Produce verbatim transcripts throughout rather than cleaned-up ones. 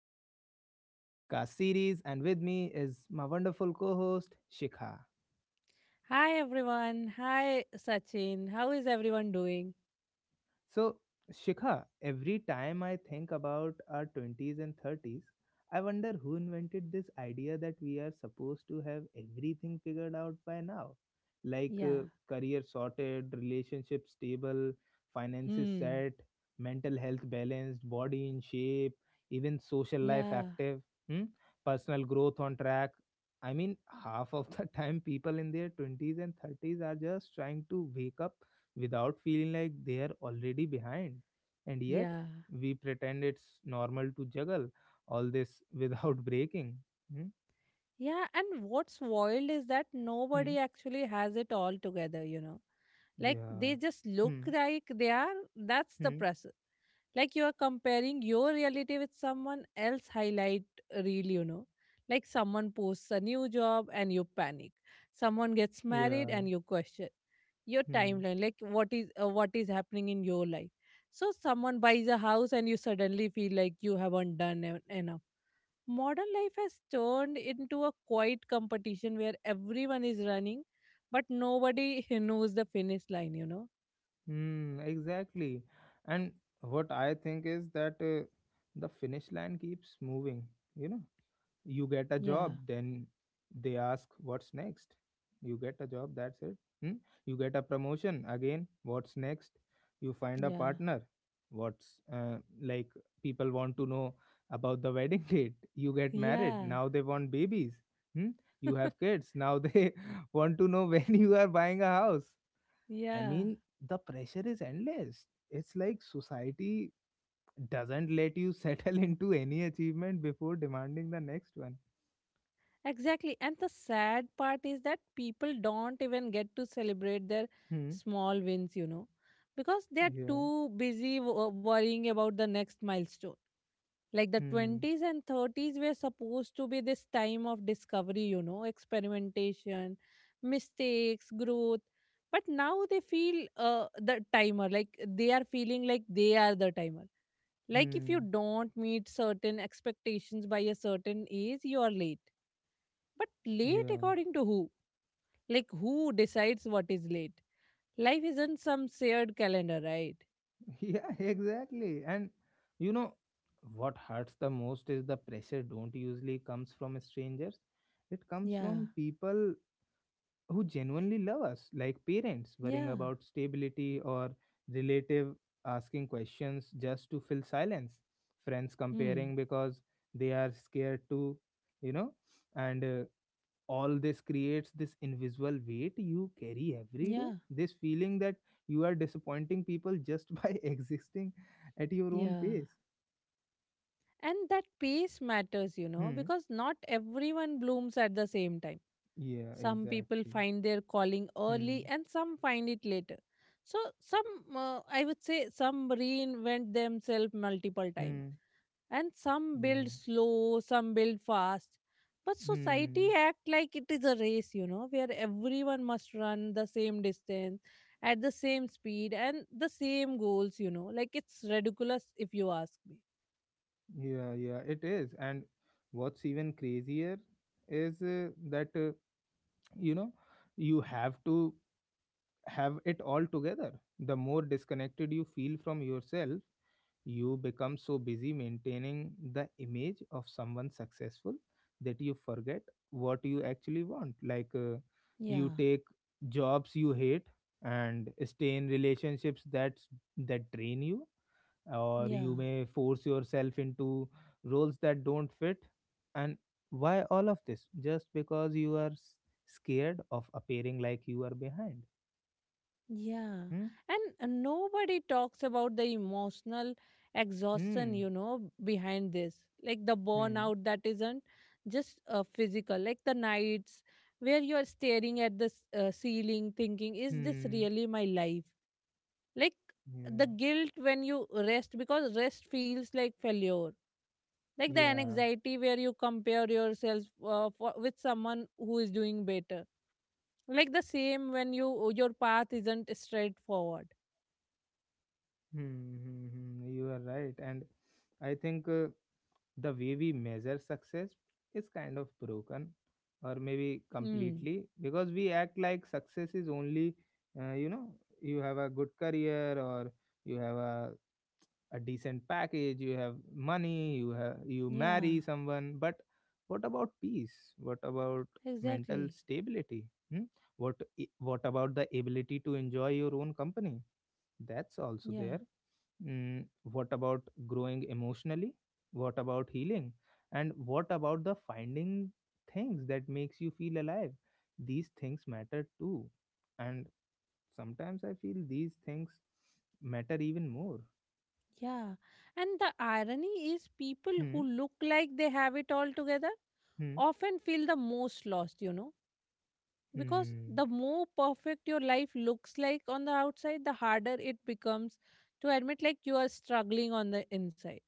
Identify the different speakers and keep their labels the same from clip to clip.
Speaker 1: to our podcast series. And with me is my wonderful co host, Shikha.
Speaker 2: Hi everyone. Hi Sachin. How is everyone doing?
Speaker 1: So, Shikha, every time I think about our twenties and thirties, I wonder who invented this idea that we are supposed to have everything figured out by now. Like
Speaker 2: Yeah.
Speaker 1: uh, career sorted, relationship stable, finances
Speaker 2: Hmm.
Speaker 1: set, mental health balanced, body in shape, even social life
Speaker 2: Yeah.
Speaker 1: active, hmm? personal growth on track. I mean, half of the time people in their twenties and thirties are just trying to wake up without feeling like they are already behind. And yet,
Speaker 2: Yeah.
Speaker 1: we pretend it's normal to juggle all this without breaking. Hmm?
Speaker 2: Yeah, and what's wild is that nobody
Speaker 1: Hmm?
Speaker 2: actually has it all together, you know. Like
Speaker 1: Yeah.
Speaker 2: they just look
Speaker 1: Hmm.
Speaker 2: like they are. That's the
Speaker 1: Hmm.
Speaker 2: press. Like you are comparing your reality with someone else highlight reel, you know. Like someone posts a new job and you panic. Someone gets married
Speaker 1: Yeah.
Speaker 2: and you question your
Speaker 1: Hmm.
Speaker 2: timeline. Like what is uh, what is happening in your life. So someone buys a house and you suddenly feel like you haven't done en- enough. Modern life has turned into a quiet competition where everyone is running but nobody knows the finish line you know
Speaker 1: Hmm. Exactly. And what I think is that uh, the finish line keeps moving, you know, you get a
Speaker 2: Yeah,
Speaker 1: job, then they ask what's next. You get a job, that's it. hmm? You get a promotion, again what's next. You find a
Speaker 2: yeah,
Speaker 1: partner. What's uh, like people want to know about the wedding date. You get married,
Speaker 2: yeah,
Speaker 1: now they want babies. hmm? You have kids, now they want to know when you are buying a house. I
Speaker 2: yeah.
Speaker 1: mean, the pressure is endless. It's like society doesn't let you settle into any achievement before demanding the next one.
Speaker 2: Exactly. And the sad part is that people don't even get to celebrate their
Speaker 1: Hmm.
Speaker 2: small wins, you know, because they are
Speaker 1: Yeah.
Speaker 2: too busy wo- worrying about the next milestone. Like the
Speaker 1: Hmm.
Speaker 2: twenties and thirties were supposed to be this time of discovery, you know, experimentation, mistakes, growth. But now they feel uh, the timer, like they are feeling like they are the timer. Like if you
Speaker 1: Hmm.
Speaker 2: don't meet certain expectations by a certain age, you are late, but late
Speaker 1: Yeah.
Speaker 2: according to who? Like who decides what is late? Life isn't some shared calendar, right?
Speaker 1: Yeah, exactly. And you know what hurts the most is the pressure don't usually comes from strangers. It comes
Speaker 2: Yeah.
Speaker 1: from people who genuinely love us, like parents worrying
Speaker 2: Yeah.
Speaker 1: about stability, or relative asking questions just to fill silence. Friends
Speaker 2: Hmm.
Speaker 1: comparing because they are scared to, you know, and uh, all this creates this invisible weight you carry every day,
Speaker 2: Yeah.
Speaker 1: this feeling that you are disappointing people just by existing at your own
Speaker 2: Yeah.
Speaker 1: pace.
Speaker 2: And that pace matters, you know,
Speaker 1: hmm
Speaker 2: because not everyone blooms at the same time.
Speaker 1: yeah,
Speaker 2: Some people
Speaker 1: exactly.
Speaker 2: find their calling early
Speaker 1: hmm
Speaker 2: and some find it later. So, some, uh, I would say, some reinvent themselves multiple times.
Speaker 1: hmm
Speaker 2: And some
Speaker 1: yeah.
Speaker 2: build slow, some build fast. But society
Speaker 1: hmm
Speaker 2: act like it is a race, you know, where everyone must run the same distance at the same speed and the same goals, you know. Like it's ridiculous if you ask me.
Speaker 1: yeah, yeah, it is. And what's even crazier is uh, that uh, you know, you have to have it all together, the more disconnected you feel from yourself. You become so busy maintaining the image of someone successful that you forget what you actually want. Like, uh, you
Speaker 2: Yeah.
Speaker 1: take jobs you hate and stay in relationships that that drain you, or
Speaker 2: Yeah,
Speaker 1: you may force yourself into roles that don't fit. And why all of this? Just because you are s- scared of appearing like you are behind.
Speaker 2: yeah.
Speaker 1: hmm
Speaker 2: And uh, nobody talks about the emotional exhaustion,
Speaker 1: hmm
Speaker 2: you know, behind this. Like the burnout that isn't just uh, physical, like the nights where you're staring at the s- uh, ceiling thinking, is this
Speaker 1: hmm
Speaker 2: really my life? Like the
Speaker 1: hmm
Speaker 2: guilt when you rest, because rest feels like failure. Like the
Speaker 1: yeah, yeah.
Speaker 2: anxiety where you compare yourself uh, for, with someone who is doing better, like the same when you your path isn't straightforward.
Speaker 1: Hmm, hmm, hmm, hmm. You are right. And I think uh, the way we measure success is kind of broken, or maybe
Speaker 2: Hmm.
Speaker 1: completely, because we act like success is only, uh, you know, you have a good career, or you have a, a decent package, you have money, you have, you
Speaker 2: Yeah,
Speaker 1: marry someone. But what about peace? What about mental
Speaker 2: exactly.
Speaker 1: stability? Hmm? What i- what about the ability to enjoy your own company? That's also
Speaker 2: Yeah.
Speaker 1: there. Mm, what about growing emotionally? What about healing? And what about the finding things that makes you feel alive? These things matter too. And sometimes I feel these things matter even more.
Speaker 2: Yeah, and the irony is people
Speaker 1: Hmm.
Speaker 2: who look like they have it all together
Speaker 1: Hmm.
Speaker 2: often feel the most lost you know Because
Speaker 1: Hmm.
Speaker 2: the more perfect your life looks like on the outside, the harder it becomes to admit like you are struggling on the inside.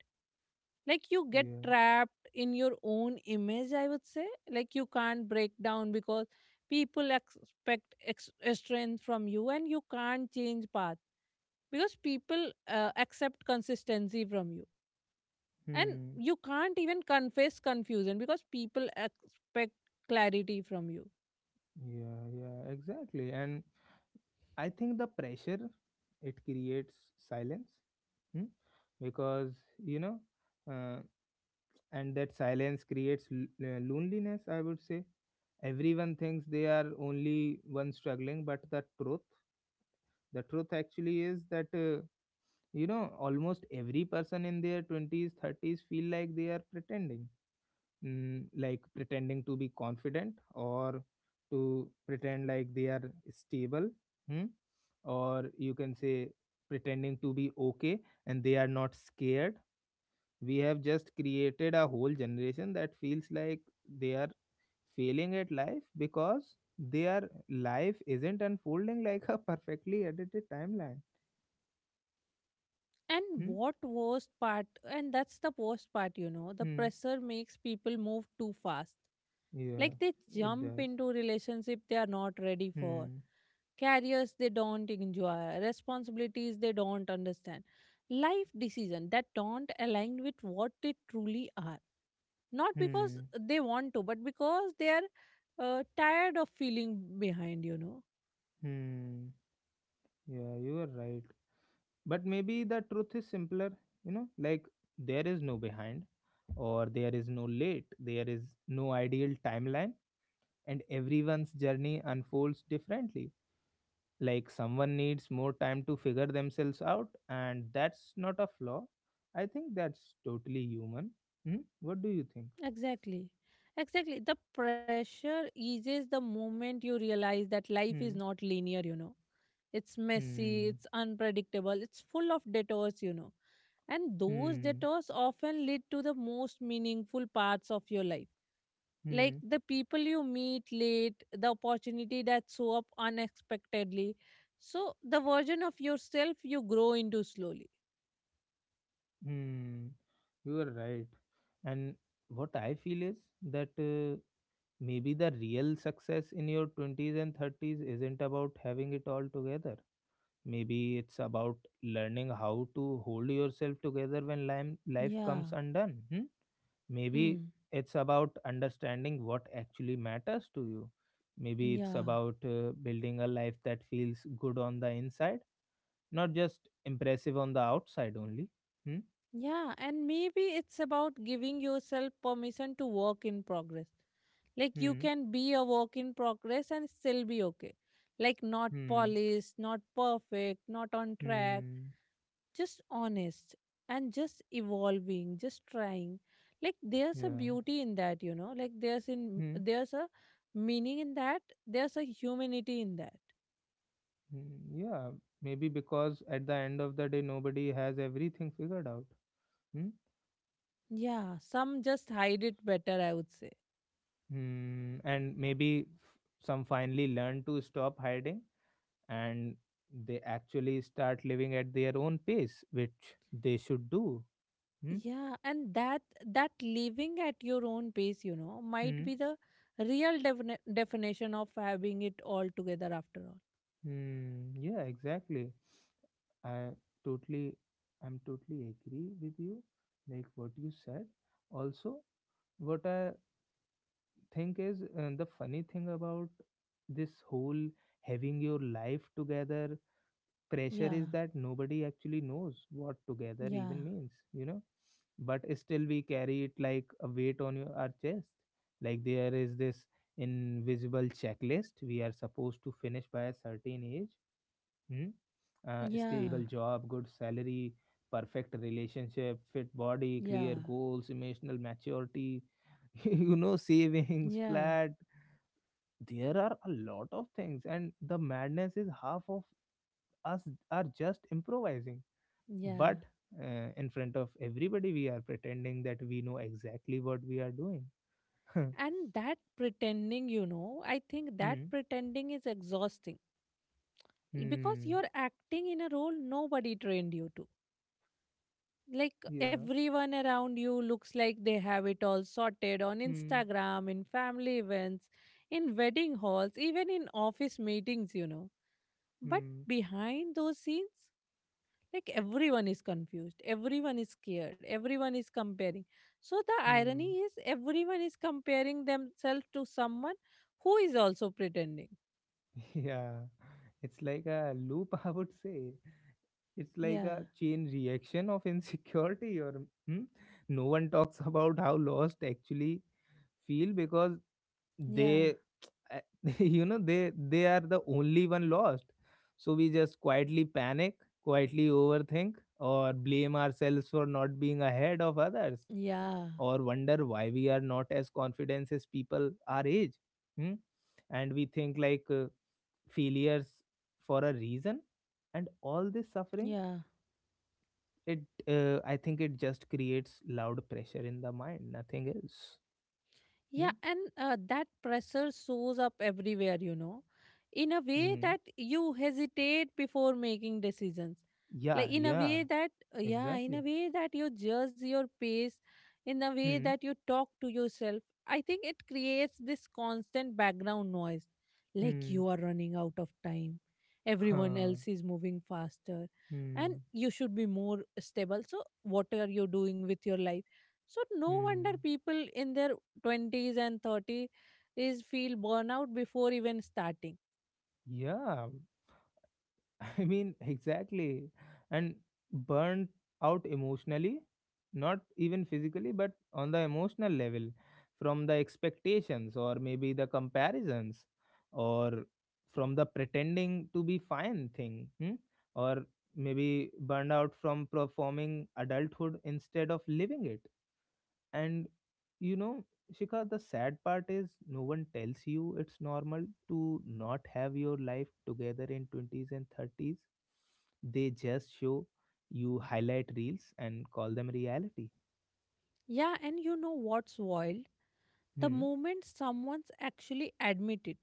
Speaker 2: Like you get
Speaker 1: Yeah.
Speaker 2: trapped in your own image, I would say. Like you can't break down because people expect ex- eh, strength from you, and you can't change path because people uh, accept consistency from you, and
Speaker 1: Hmm.
Speaker 2: you can't even confess confusion because people expect clarity from you.
Speaker 1: Yeah. Yeah. Exactly. And I think the pressure, it creates silence. Hmm? Because you know, uh, and that silence creates l- uh, loneliness, I would say. Everyone thinks they are only one struggling, but the truth the truth actually is that, uh, you know, almost every person in their twenties, thirties feel like they are pretending. Mm, like pretending to be confident, or to pretend like they are stable, hmm? or you can say pretending to be okay, and they are not scared. We have just created a whole generation that feels like they are failing at life because their life isn't unfolding like a perfectly edited timeline.
Speaker 2: And
Speaker 1: Hmm?
Speaker 2: what worst part, and that's the worst part, you know, the
Speaker 1: Hmm.
Speaker 2: pressure makes people move too fast.
Speaker 1: Yeah,
Speaker 2: Like they
Speaker 1: it
Speaker 2: jump
Speaker 1: does.
Speaker 2: into relationship they are not ready for,
Speaker 1: Hmm.
Speaker 2: careers they don't enjoy, responsibilities they don't understand, life decisions that don't align with what they truly are. Not because
Speaker 1: Hmm.
Speaker 2: they want to, but because they are uh, tired of feeling behind, you know.
Speaker 1: Hmm. Yeah, you are right. But maybe the truth is simpler, you know, like there is no behind, or there is no late, there is no ideal timeline, and everyone's journey unfolds differently. Like someone needs more time to figure themselves out, and that's not a flaw. I think that's totally human. Hmm? What do you think?
Speaker 2: Exactly. Exactly. The pressure eases the moment you realize that life is
Speaker 1: hmm
Speaker 2: not linear, you know. It's messy,
Speaker 1: hmm
Speaker 2: it's unpredictable, it's full of detours, you know. And those
Speaker 1: hmm
Speaker 2: detours often lead to the most meaningful parts of your life. Like
Speaker 1: hmm
Speaker 2: the people you meet late, the opportunity that show up unexpectedly. So the version of yourself you grow into slowly.
Speaker 1: hmm you are right. And what I feel is that uh, maybe the real success in your twenties and thirties isn't about having it all together. Maybe it's about learning how to hold yourself together when lime- life
Speaker 2: Yeah.
Speaker 1: comes undone. Hmm. Maybe
Speaker 2: Hmm.
Speaker 1: it's about understanding what actually matters to you. Maybe it's
Speaker 2: Yeah.
Speaker 1: about uh, building a life that feels good on the inside, not just impressive on the outside only. Hmm?
Speaker 2: Yeah, and maybe it's about giving yourself permission to work in progress. Like you
Speaker 1: Hmm.
Speaker 2: can be a work in progress and still be okay. Like not
Speaker 1: Hmm.
Speaker 2: polished, not perfect, not on track,
Speaker 1: Hmm.
Speaker 2: just honest and just evolving, just trying. Like there's a
Speaker 1: Yeah.
Speaker 2: beauty in that, you know. Like there's in
Speaker 1: Hmm.
Speaker 2: there's a meaning in that. There's a humanity in that.
Speaker 1: Hmm. Yeah. Maybe because at the end of the day, nobody has everything figured out. Hmm.
Speaker 2: Yeah, some just hide it better, I would say.
Speaker 1: Hmm. And maybe f- some finally learn to stop hiding, and they actually start living at their own pace, which they should do. Hmm?
Speaker 2: Yeah, and that that living at your own pace, you know, might
Speaker 1: Hmm?
Speaker 2: be the real defini- definition of having it all together after all.
Speaker 1: Hmm. Yeah, exactly. I totally, I'm totally agree with you, like what you said. Also, what I think is uh, the funny thing about this whole having your life together pressure
Speaker 2: Yeah,
Speaker 1: is that nobody actually knows what together
Speaker 2: yeah,
Speaker 1: even means, you know. But still we carry it like a weight on your, our chest, like there is this invisible checklist we are supposed to finish by a certain age. hmm? Uh, stable
Speaker 2: yeah,
Speaker 1: job, good salary, perfect relationship, fit body, clear
Speaker 2: yeah,
Speaker 1: goals, emotional maturity, you know, savings,
Speaker 2: yeah,
Speaker 1: flat, there are a lot of things. And the madness is half of us are just improvising.
Speaker 2: yeah.
Speaker 1: But uh, in front of everybody we are pretending that we know exactly what we are doing.
Speaker 2: And that pretending, you know, I think that
Speaker 1: hmm
Speaker 2: pretending is exhausting, because
Speaker 1: hmm
Speaker 2: you're acting in a role nobody trained you to. Like
Speaker 1: Yeah.
Speaker 2: everyone around you looks like they have it all sorted on
Speaker 1: hmm
Speaker 2: Instagram, in family events, in wedding halls, even in office meetings, you know. But
Speaker 1: hmm
Speaker 2: behind those scenes, like everyone is confused, everyone is scared, everyone is comparing. So the
Speaker 1: hmm
Speaker 2: irony is, everyone is comparing themselves to someone who is also pretending.
Speaker 1: yeah, it's like a loop. I would say it's like
Speaker 2: Yeah,
Speaker 1: a chain reaction of insecurity. Or, hmm? No one talks about how lost actually feel, because
Speaker 2: yeah,
Speaker 1: they you know, they they are the only one lost. So we just quietly panic, quietly overthink, or blame ourselves for not being ahead of others,
Speaker 2: yeah,
Speaker 1: or wonder why we are not as confident as people our age. hmm? And we think like, uh, failures, for a reason, and all this suffering,
Speaker 2: yeah.
Speaker 1: it uh, I think it just creates loud pressure in the mind, nothing else.
Speaker 2: Yeah,
Speaker 1: Hmm?
Speaker 2: and uh, that pressure shows up everywhere, you know, in a way
Speaker 1: Hmm.
Speaker 2: that you hesitate before making decisions,
Speaker 1: Yeah,
Speaker 2: like in a
Speaker 1: yeah,
Speaker 2: way that uh, yeah, in
Speaker 1: exactly.
Speaker 2: a way that you judge your pace, in a way
Speaker 1: Hmm,
Speaker 2: that you talk to yourself. I think it creates this constant background noise, like
Speaker 1: hmm,
Speaker 2: you are running out of time, everyone
Speaker 1: huh,
Speaker 2: else is moving faster, and
Speaker 1: hmm,
Speaker 2: you should be more stable, so what are you doing with your life? So no wonder
Speaker 1: hmm.
Speaker 2: people in their twenties and thirties is feel burnout before even starting.
Speaker 1: Yeah, I mean, exactly. And burnt out emotionally, not even physically, but on the emotional level, from the expectations, or maybe the comparisons, or from the pretending to be fine thing, hmm? Or maybe burned out from performing adulthood instead of living it. And you know, Shikha, the sad part is no one tells you it's normal to not have your life together in twenties and thirties. They just show you highlight reels and call them reality.
Speaker 2: Yeah, and you know what's wild, the
Speaker 1: Hmm.
Speaker 2: moment someone's actually admit it,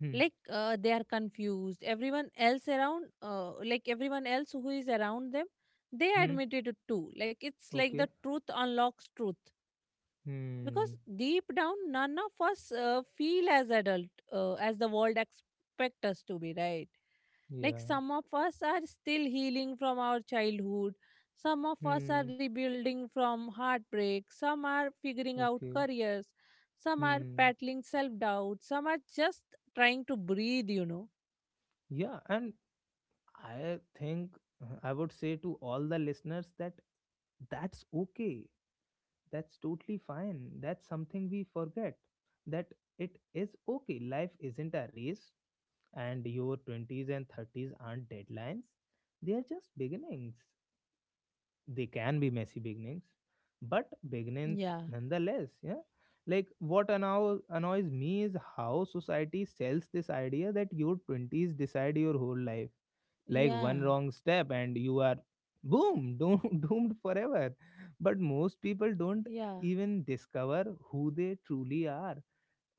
Speaker 1: Hmm.
Speaker 2: like uh, they are confused, everyone else around uh, like everyone else who is around them, they
Speaker 1: Hmm.
Speaker 2: admitted it too. Like it's like
Speaker 1: Okay.
Speaker 2: the truth unlocks truth.
Speaker 1: Hmm.
Speaker 2: Because deep down none of us uh, feel as adult uh, as the world expect us to be, right? Like
Speaker 1: Yeah.
Speaker 2: some of us are still healing from our childhood, some of us are
Speaker 1: Hmm.
Speaker 2: rebuilding from heartbreak, some are figuring out
Speaker 1: Okay.
Speaker 2: careers, some are
Speaker 1: Hmm.
Speaker 2: battling self doubt, some are just trying to breathe, you know.
Speaker 1: Yeah. And I think uh, I would say to all the listeners that that's okay. that's totally fine. That's something we forget, that it is okay. Life isn't a race, and your twenties and thirties aren't deadlines. They are just beginnings. They can be messy beginnings, but beginnings
Speaker 2: Yeah.
Speaker 1: nonetheless. Yeah. Like what annoys, annoys me is how society sells this idea that your twenties decide your whole life, like one
Speaker 2: Yeah,
Speaker 1: wrong step and you are boom doomed, doomed forever. But most people don't
Speaker 2: yeah.
Speaker 1: even discover who they truly are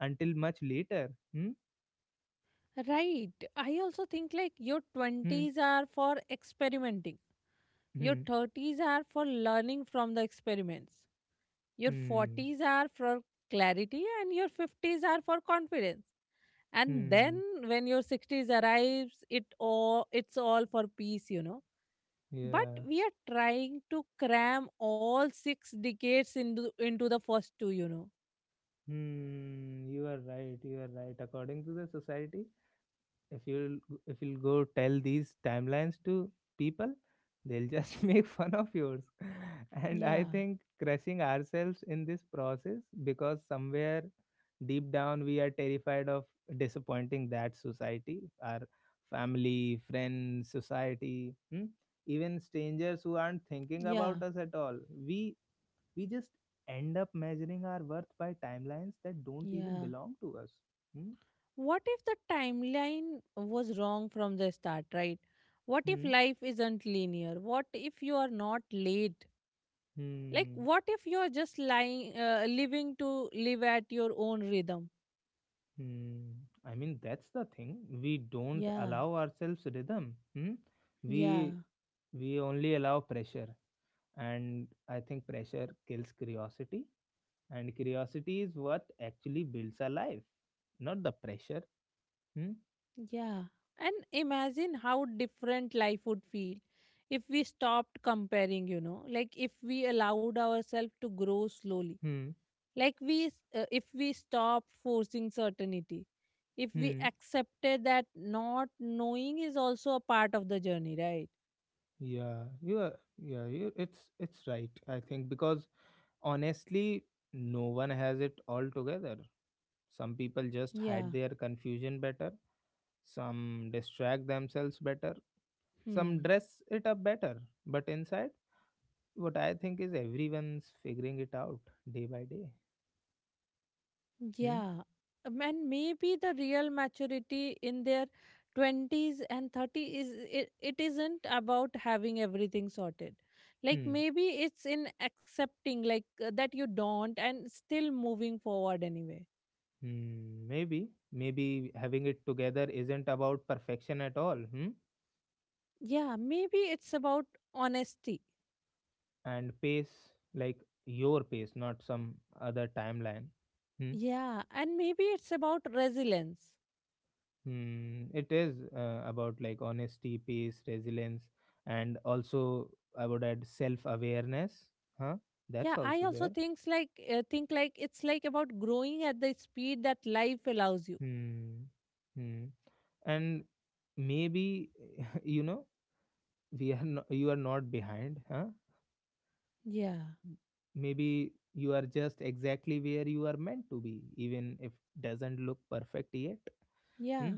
Speaker 1: until much later. hmm?
Speaker 2: Right. I also think like your
Speaker 1: Hmm.
Speaker 2: twenties are for experimenting. Your
Speaker 1: Hmm.
Speaker 2: thirties are for learning from the experiments. Your
Speaker 1: Hmm.
Speaker 2: forties are for clarity, and your fifties are for confidence. And then
Speaker 1: Hmm.
Speaker 2: when your sixties arrives, it all it's all for peace, you know. But
Speaker 1: yeah
Speaker 2: we are trying to cram all six decades into into the first two, you know.
Speaker 1: hmm you are right, you are right. According to the society, if you'll if you'll go tell these timelines to people, they'll just make fun of yours. And I
Speaker 2: Yeah,
Speaker 1: think crushing ourselves in this process, because somewhere deep down we are terrified of disappointing that society, our family, friends, society, hmm? even strangers who aren't thinking about
Speaker 2: yeah,
Speaker 1: us at all. We we just end up measuring our worth by timelines that don't even
Speaker 2: yeah.
Speaker 1: belong to us. hmm?
Speaker 2: What if the timeline was wrong from the start, right? What if
Speaker 1: Hmm?
Speaker 2: life isn't linear? What if you are not late? Like,
Speaker 1: Hmm.
Speaker 2: what if you are just lying, uh, living to live at your own rhythm?
Speaker 1: Hmm, I mean that's the thing. We don't
Speaker 2: Yeah,
Speaker 1: allow ourselves rhythm. Hmm?
Speaker 2: yeah,
Speaker 1: We we only allow pressure, and I think pressure kills curiosity, and curiosity is what actually builds a life, not the pressure. Hmm?
Speaker 2: yeah. And imagine how different life would feel if we stopped comparing, you know, like if we allowed ourselves to grow slowly.
Speaker 1: Hmm.
Speaker 2: Like we s- uh, if we stop forcing certainty, if we
Speaker 1: Hmm.
Speaker 2: accepted that not knowing is also a part of the journey, right?
Speaker 1: Yeah. Yeah. Yeah. You, it's it's right. I think because honestly, no one has it all together. Some people just
Speaker 2: Yeah.
Speaker 1: hide their confusion better. Some distract themselves better. Some
Speaker 2: Hmm.
Speaker 1: dress it up better, but inside, what I think is everyone's figuring it out day by day. Hmm?
Speaker 2: Yeah. Um, and maybe the real maturity in their twenties and thirty is it, it isn't about having everything sorted. Like
Speaker 1: Hmm.
Speaker 2: maybe it's in accepting like uh, that you don't, and still moving forward anyway.
Speaker 1: Hmm. Maybe, maybe having it together isn't about perfection at all. Hmm?
Speaker 2: Yeah, maybe it's about honesty.
Speaker 1: And pace, like your pace, not some other timeline. Hmm?
Speaker 2: Yeah, and maybe it's about resilience.
Speaker 1: Hmm. It is uh, about like honesty, pace, resilience, and also I would add self awareness. Huh?
Speaker 2: Yeah,
Speaker 1: That's
Speaker 2: I
Speaker 1: also
Speaker 2: also
Speaker 1: there.
Speaker 2: thinks like uh, think like it's like about growing at the speed that life allows you.
Speaker 1: Hmm. Hmm. And maybe you know, we are no, you are not behind, huh?
Speaker 2: Yeah.
Speaker 1: Maybe you are just exactly where you are meant to be, even if doesn't look perfect yet.
Speaker 2: Yeah.
Speaker 1: Hmm?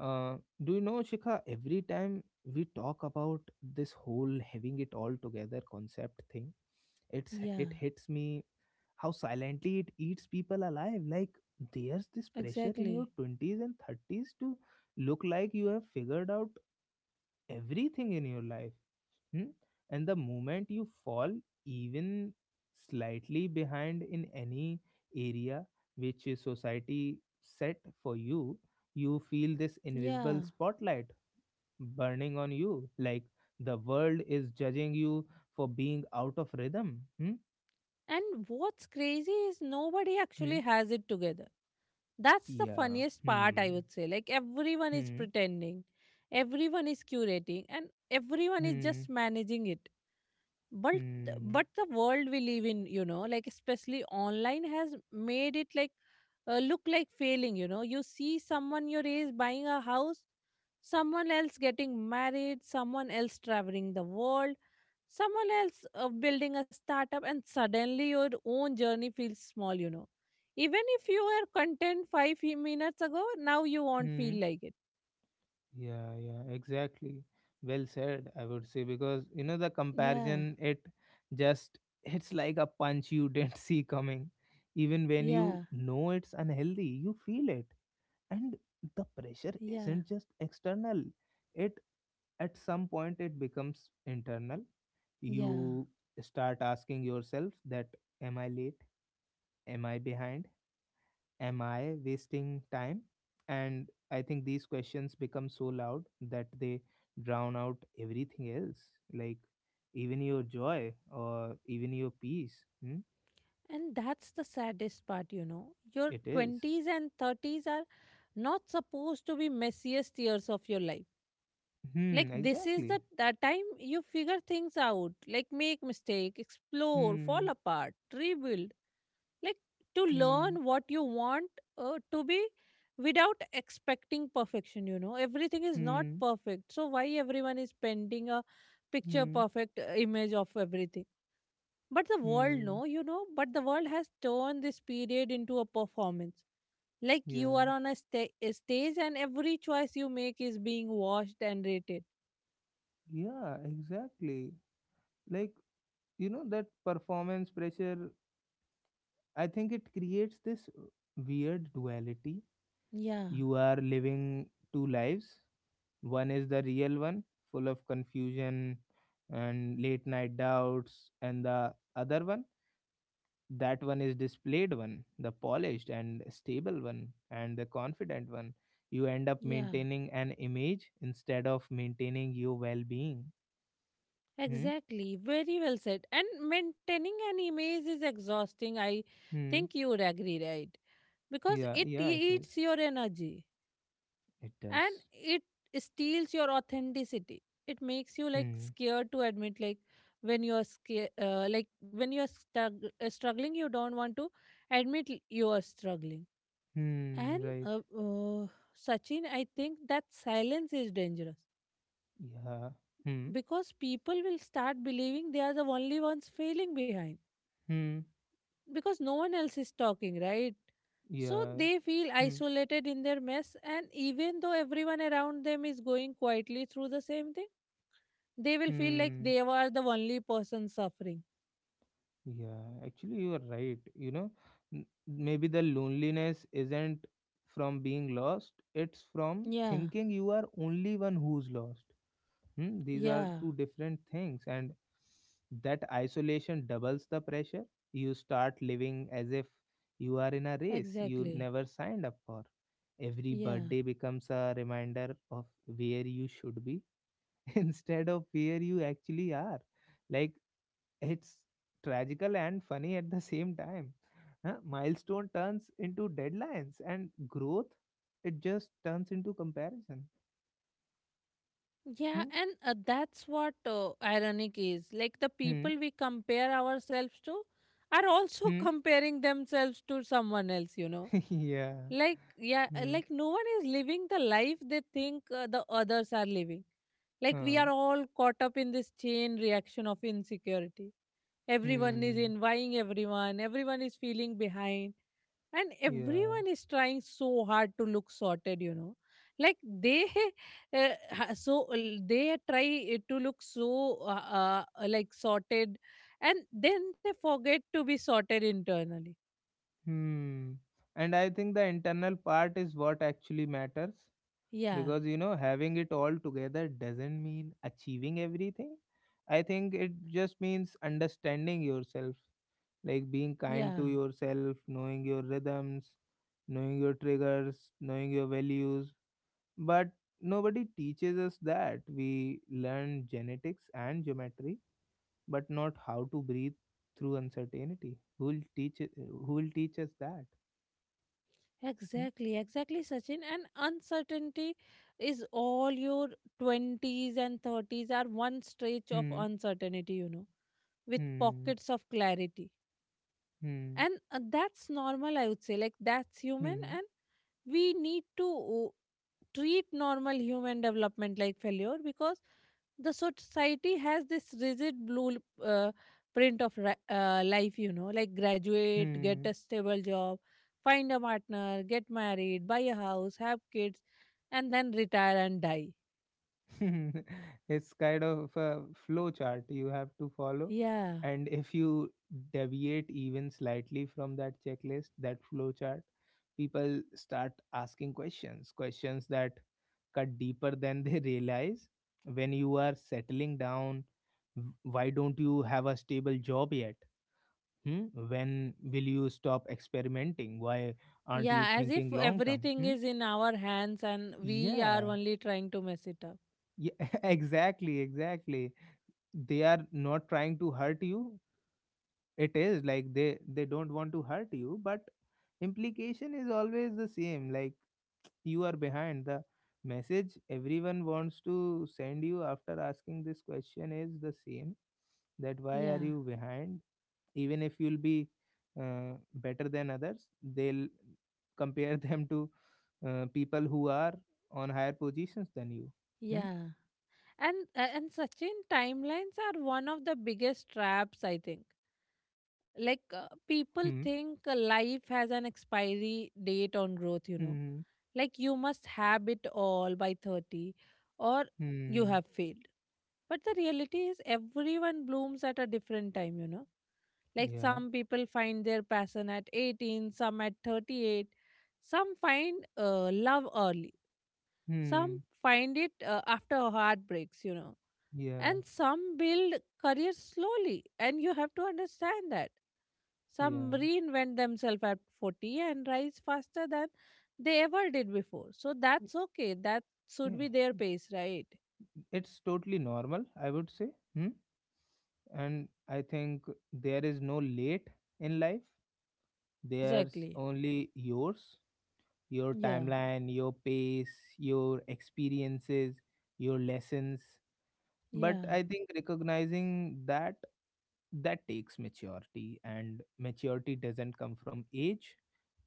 Speaker 1: Uh, do you know, Shikha? Every time we talk about this whole having it all together concept thing, it's
Speaker 2: Yeah.
Speaker 1: it hits me how silently it eats people alive. Like there's this pressure in your
Speaker 2: Exactly.
Speaker 1: twenties and thirties to look like you have figured out everything in your life. hmm? And the moment you fall even slightly behind in any area which is society set for you, you feel this invisible
Speaker 2: Yeah.
Speaker 1: spotlight burning on you. Like the world is judging you for being out of rhythm. Hmm?
Speaker 2: And what's crazy is nobody
Speaker 1: Hmm?
Speaker 2: actually has it together. That's the
Speaker 1: Yeah.
Speaker 2: funniest part, I
Speaker 1: Hmm.
Speaker 2: would say. Like everyone is
Speaker 1: Hmm.
Speaker 2: pretending, everyone is curating, and everyone is
Speaker 1: Hmm.
Speaker 2: just managing it. but th-
Speaker 1: Hmm.
Speaker 2: but the world we live in, you know like especially online, has made it like uh, look like failing. You know, you see someone your age buying a house, someone else getting married, someone else traveling the world, someone else uh, building a startup, and suddenly your own journey feels small. You know, even if you were content five fe- minutes ago, now you won't
Speaker 1: Hmm.
Speaker 2: feel like it.
Speaker 1: Yeah, yeah, exactly. Well said. I would say because you know the
Speaker 2: Yeah,
Speaker 1: comparison. It just it's like a punch you didn't see coming. Even when
Speaker 2: yeah,
Speaker 1: you know it's unhealthy, you feel it, and the pressure
Speaker 2: yeah,
Speaker 1: isn't just external. It at some point it becomes internal.
Speaker 2: yeah.
Speaker 1: You start asking yourself that: Am I late? Am I behind? Am I wasting time? And I think these questions become so loud that they drown out everything else, like even your joy or even your peace. Hmm?
Speaker 2: And that's the saddest part, you know. Your
Speaker 1: It is.
Speaker 2: twenties and thirties are not supposed to be messiest years of your life. Like
Speaker 1: Hmm,
Speaker 2: this is the,
Speaker 1: exactly.
Speaker 2: the time you figure things out, like make mistake, explore, fall
Speaker 1: Hmm,
Speaker 2: apart, rebuild, like to
Speaker 1: hmm,
Speaker 2: learn what you want uh, to be without expecting perfection, you know. Everything is not
Speaker 1: hmm,
Speaker 2: perfect. So why everyone is painting a picture
Speaker 1: hmm,
Speaker 2: perfect uh, image of everything? But the world,
Speaker 1: hmm.
Speaker 2: no, you know, but the world has turned this period into a performance. Like you
Speaker 1: Yeah,
Speaker 2: are on a, sta- a stage, and every choice you make is being watched and rated.
Speaker 1: yeah, exactly. Like, you know, that performance pressure, I think it creates this weird duality.
Speaker 2: Yeah,
Speaker 1: You are living two lives. One is the real one, full of confusion and late night doubts, and the other one, that one is displayed one, the polished and stable one, and the confident one. You end up
Speaker 2: yeah.
Speaker 1: maintaining an image instead of maintaining your well being. Hmm?
Speaker 2: Exactly. Very well said. And maintaining an image is exhausting. I
Speaker 1: Hmm.
Speaker 2: think you would agree, right? Because
Speaker 1: Yeah,
Speaker 2: it
Speaker 1: yeah, it is.
Speaker 2: eats your energy.
Speaker 1: It
Speaker 2: And
Speaker 1: does.
Speaker 2: it steals your authenticity. It makes you like
Speaker 1: Hmm.
Speaker 2: scared to admit, like when you're scared uh, like when you're stug- uh, struggling, you don't want to admit l- you are struggling.
Speaker 1: Hmm.
Speaker 2: And
Speaker 1: Right.
Speaker 2: uh, uh, Sachin, I think that silence is dangerous,
Speaker 1: Yeah. Hmm.
Speaker 2: because people will start believing they are the only ones failing behind,
Speaker 1: Hmm.
Speaker 2: because no one else is talking, right? So
Speaker 1: Yeah.
Speaker 2: they feel
Speaker 1: Hmm.
Speaker 2: isolated in their mess, and even though everyone around them is going quietly through the same thing, they will feel like
Speaker 1: Hmm.
Speaker 2: they were the only person suffering.
Speaker 1: Yeah, actually, you are right. You know, n- maybe the loneliness isn't from being lost, it's from
Speaker 2: Yeah.
Speaker 1: thinking you are only one who's lost. Hmm? These
Speaker 2: Yeah.
Speaker 1: are two different things, and that isolation doubles the pressure. You start living as if you are in a race you
Speaker 2: Exactly.
Speaker 1: never signed up for. Every
Speaker 2: Yeah.
Speaker 1: birthday becomes a reminder of where you should be instead of where you actually are. Like, it's tragical and funny at the same time. Huh? Milestone turns into deadlines, and growth, it just turns into comparison.
Speaker 2: Yeah,
Speaker 1: Hmm?
Speaker 2: and uh, that's what uh, ironic is. Like the
Speaker 1: Hmm?
Speaker 2: people we compare ourselves to are also
Speaker 1: Hmm?
Speaker 2: comparing themselves to someone else, you know.
Speaker 1: Yeah.
Speaker 2: Like, yeah, uh,
Speaker 1: Hmm.
Speaker 2: like no one is living the life they think uh, the others are living. Like, we
Speaker 1: Huh.
Speaker 2: are all caught up in this chain reaction of insecurity. Everyone is
Speaker 1: Hmm.
Speaker 2: envying everyone, everyone is feeling behind and
Speaker 1: Yeah.
Speaker 2: everyone is trying so hard to look sorted you know like they uh, ha- so l- they try eh, to look so uh, uh, like sorted, and then they forget to be sorted internally.
Speaker 1: Hmm. And I think the internal part is what actually matters
Speaker 2: Yeah,
Speaker 1: because you know having it all together doesn't mean achieving everything. I think it just means understanding yourself, like being kind to
Speaker 2: yeah,
Speaker 1: yourself, knowing your rhythms, knowing your triggers, knowing your values. But nobody teaches us that. We learn genetics and geometry, but not how to breathe through uncertainty. Who will teach it, who will teach us that? Hmm.
Speaker 2: exactly, exactly, Sachin. And uncertainty is all your twenties and thirties are one stretch of
Speaker 1: Hmm.
Speaker 2: uncertainty, you know, with
Speaker 1: Hmm.
Speaker 2: pockets of clarity.
Speaker 1: Hmm.
Speaker 2: And uh, that's normal, I would say. Like that's human,
Speaker 1: Hmm.
Speaker 2: and we need to uh, treat normal human development like failure, because the society has this rigid blue uh, print of ri- uh, life, you know, like graduate, get
Speaker 1: Hmm.
Speaker 2: a stable job, find a partner, get married, buy a house, have kids, and then retire and die.
Speaker 1: It's kind of a flow chart you have to follow,
Speaker 2: Yeah,
Speaker 1: and if you deviate even slightly from that checklist, that flow chart, people start asking questions, questions that cut deeper than they realize. When you are settling down, w- why don't you have a stable job yet? Hmm? When will you stop experimenting? Why aren't you
Speaker 2: yeah, as if
Speaker 1: thinking long term?
Speaker 2: everything
Speaker 1: Hmm?
Speaker 2: is in our hands and we are
Speaker 1: Yeah,
Speaker 2: only trying to mess it up.
Speaker 1: yeah, exactly, exactly. They are not trying to hurt you. It is like they they don't want to hurt you, but implication is always the same. Like you are behind. The message everyone wants to send you after asking this question is the same, that why are
Speaker 2: Yeah,
Speaker 1: you behind? Even if you'll be uh, better than others, they'll compare them to uh, people who are on higher positions than you. Hmm.
Speaker 2: yeah, and uh, and Sachin, timelines are one of the biggest traps, I think. Like uh, people
Speaker 1: Hmm.
Speaker 2: think uh, life has an expiry date on growth, you know,
Speaker 1: Hmm. Hmm.
Speaker 2: like you must have it all by thirty, or you
Speaker 1: Hmm?
Speaker 2: have failed. But the reality is everyone blooms at a different time, you know, like
Speaker 1: Yeah.
Speaker 2: some people find their passion at eighteen, some at thirty-eight, some find uh, love early, some
Speaker 1: Hmm.
Speaker 2: find it uh, after heartbreaks, you know,
Speaker 1: Yeah,
Speaker 2: and some build careers slowly, and you have to understand that some
Speaker 1: yeah,
Speaker 2: reinvent themselves at forty and rise faster than they ever did before. So
Speaker 1: y-
Speaker 2: that's okay, that
Speaker 1: yeah.
Speaker 2: should be their pace, right?
Speaker 1: It's totally normal, I would say. Hmm? And I think there is no late in life. There's
Speaker 2: Exactly.
Speaker 1: only yours, your
Speaker 2: Yeah,
Speaker 1: timeline, your pace, your experiences, your lessons. But
Speaker 2: yeah,
Speaker 1: I think recognizing that, that takes maturity, and maturity doesn't come from age.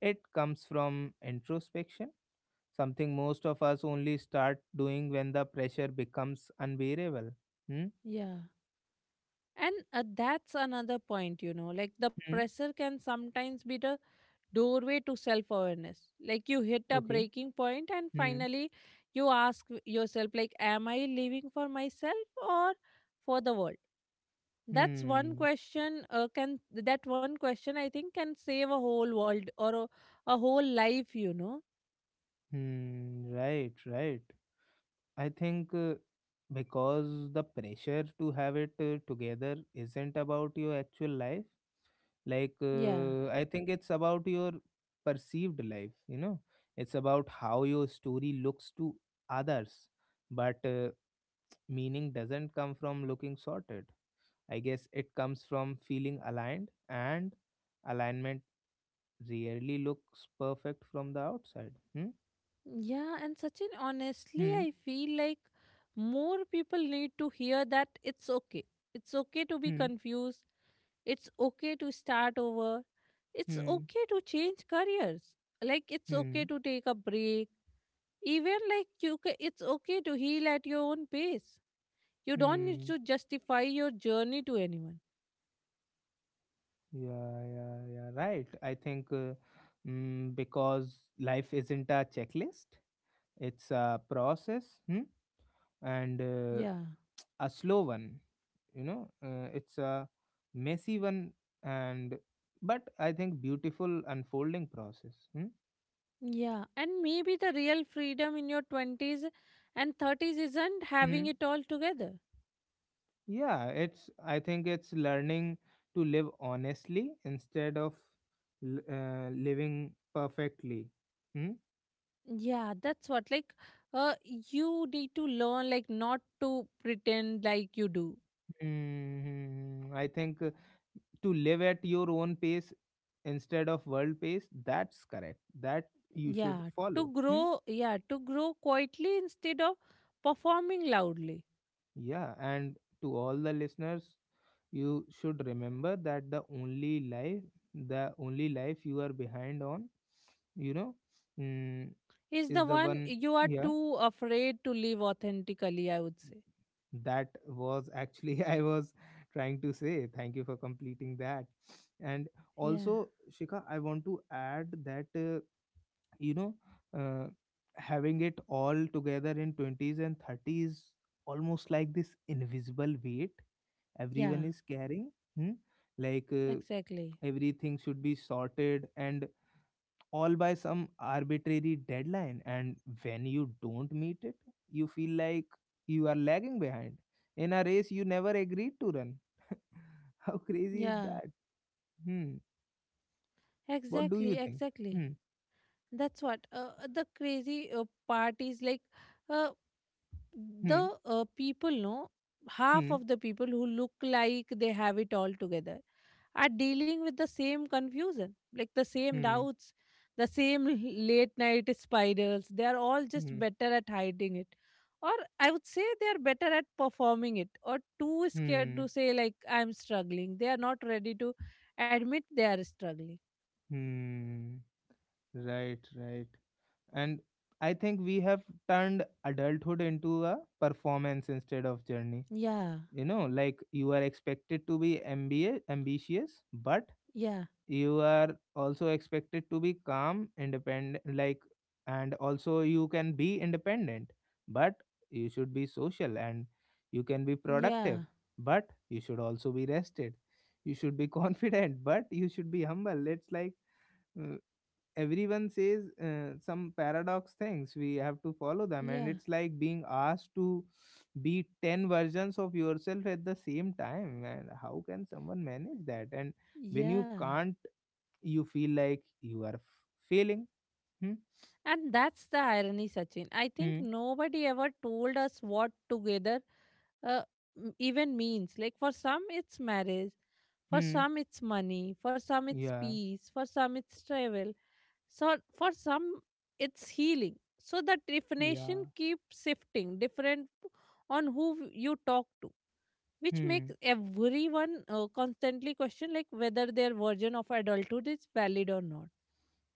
Speaker 1: It comes from introspection, something most of us only start doing when the pressure becomes unbearable. Hmm?
Speaker 2: yeah. And uh, that's another point, you know, like the
Speaker 1: Hmm?
Speaker 2: pressure can sometimes be the doorway to self awareness. Like you hit a
Speaker 1: Okay.
Speaker 2: breaking point, and
Speaker 1: Hmm.
Speaker 2: finally, you ask yourself, like, am I living for myself or for the world? That's one
Speaker 1: Hmm.
Speaker 2: question. Uh, can that one question, I think, can save a whole world, or a, a whole life? You know?
Speaker 1: Hmm. Right, right. I think uh, because the pressure to have it uh, together isn't about your actual life. Like,
Speaker 2: Yeah,
Speaker 1: uh, I think it's about your perceived life, you know, it's about how your story looks to others. But uh, meaning doesn't come from looking sorted. I guess it comes from feeling aligned, and alignment rarely looks perfect from the outside. Hmm?
Speaker 2: yeah. And Sachin, honestly,
Speaker 1: Hmm.
Speaker 2: I feel like more people need to hear that it's okay. It's okay to be
Speaker 1: Hmm.
Speaker 2: confused. It's okay to start over. It's
Speaker 1: Hmm.
Speaker 2: okay to change careers. Like it's
Speaker 1: Hmm.
Speaker 2: okay to take a break. Even like you ca- It's okay to heal at your own pace. You don't need
Speaker 1: Hmm.
Speaker 2: to justify your journey to anyone.
Speaker 1: Yeah, yeah, yeah. Right. I think uh, mm, because life isn't a checklist, it's a process, hmm? And uh,
Speaker 2: Yeah.
Speaker 1: a slow one. You know, uh, it's a messy one, and but I think beautiful unfolding process. Hmm?
Speaker 2: Yeah. And maybe the real freedom in your twenties and thirties isn't
Speaker 1: Hmm?
Speaker 2: having it all together.
Speaker 1: Yeah, it's I think it's learning to live honestly instead of l- uh, living perfectly. Hmm?
Speaker 2: Yeah, that's what, like, uh you need to learn, like, not to pretend like you do.
Speaker 1: Hmm, I think uh, to live at your own pace instead of world pace, that's correct. That you should
Speaker 2: Yeah, to
Speaker 1: follow. Hmm?
Speaker 2: grow, yeah, to grow quietly instead of performing loudly
Speaker 1: Yeah, and to all the listeners, you should remember that the only life, the only life you are behind on, you know, mm,
Speaker 2: is
Speaker 1: is
Speaker 2: the
Speaker 1: the
Speaker 2: one
Speaker 1: one.
Speaker 2: you are
Speaker 1: Yeah,
Speaker 2: too afraid to live authentically, I would say.
Speaker 1: that was actually I was trying to say. Thank you for completing that. And
Speaker 2: Yeah,
Speaker 1: also Shika, I want to add that uh, you know, uh, having it all together in twenties and thirties almost like this invisible weight everyone
Speaker 2: yeah,
Speaker 1: is carrying. Hmm? Like uh,
Speaker 2: exactly.
Speaker 1: everything should be sorted and all by some arbitrary deadline, and when you don't meet it, you feel like you are lagging behind in a race you never agreed to run. How crazy is
Speaker 2: Yeah,
Speaker 1: that? Hmm? What do
Speaker 2: exactly,
Speaker 1: you think?
Speaker 2: exactly.
Speaker 1: Hmm.
Speaker 2: That's what uh, the crazy uh, part is, like uh, the
Speaker 1: Hmm.
Speaker 2: uh, people know half
Speaker 1: Hmm.
Speaker 2: of the people who look like they have it all together are dealing with the same confusion, like the same
Speaker 1: Hmm.
Speaker 2: doubts, the same late night spirals. They are all just
Speaker 1: Hmm.
Speaker 2: better at hiding it. Or I would say they are better at performing it, or too scared
Speaker 1: Hmm.
Speaker 2: to say, like, I'm struggling. They are not ready to admit they are struggling.
Speaker 1: Hmm. Right, right. And I think we have turned adulthood into a performance instead of journey.
Speaker 2: Yeah,
Speaker 1: You know, like you are expected to be M B A, ambitious, but
Speaker 2: yeah,
Speaker 1: you are also expected to be calm, independent, like and also you can be independent, but you should be social, and you can be productive
Speaker 2: yeah,
Speaker 1: but you should also be rested. You should be confident but you should be humble. It's like uh, everyone says uh, some paradox things we have to follow them, and
Speaker 2: yeah,
Speaker 1: it's like being asked to be ten versions of yourself at the same time, and how can someone manage that? And when you
Speaker 2: yeah.
Speaker 1: can't, you feel like you are f- failing. Hmm?
Speaker 2: And that's the irony, Sachin. I think
Speaker 1: Hmm.
Speaker 2: nobody ever told us what together uh, m- even means. Like for some, it's marriage, for
Speaker 1: Hmm.
Speaker 2: some, it's money, for some, it's
Speaker 1: Yeah,
Speaker 2: peace, for some, it's travel, so for some, it's healing. So the definition
Speaker 1: yeah.
Speaker 2: keeps shifting, different on who you talk to, which makes
Speaker 1: Hmm.
Speaker 2: everyone uh, constantly question like whether their version of adulthood is valid or not.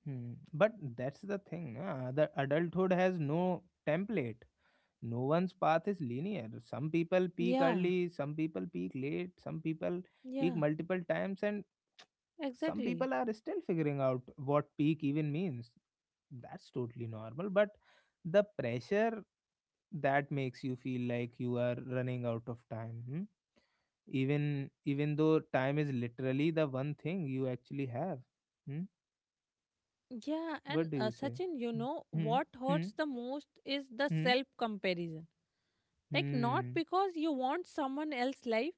Speaker 1: Hmm. But that's the thing, uh, the adulthood has no template. No one's path is linear. Some people peak
Speaker 2: Yeah,
Speaker 1: early, some people peak late, some people
Speaker 2: yeah,
Speaker 1: peak multiple times, and some
Speaker 2: exactly.
Speaker 1: people are still figuring out what peak even means. That's totally normal, but the pressure that makes you feel like you are running out of time. Hmm? even even though time is literally the one thing you actually have. Hmm?
Speaker 2: Yeah,
Speaker 1: What
Speaker 2: and
Speaker 1: do
Speaker 2: uh,
Speaker 1: you say?
Speaker 2: Sachin, you know
Speaker 1: Hmm.
Speaker 2: what
Speaker 1: Hmm.
Speaker 2: hurts the most is the
Speaker 1: Hmm.
Speaker 2: self comparison, like
Speaker 1: Hmm.
Speaker 2: not
Speaker 1: Hmm.
Speaker 2: because you want someone else's life,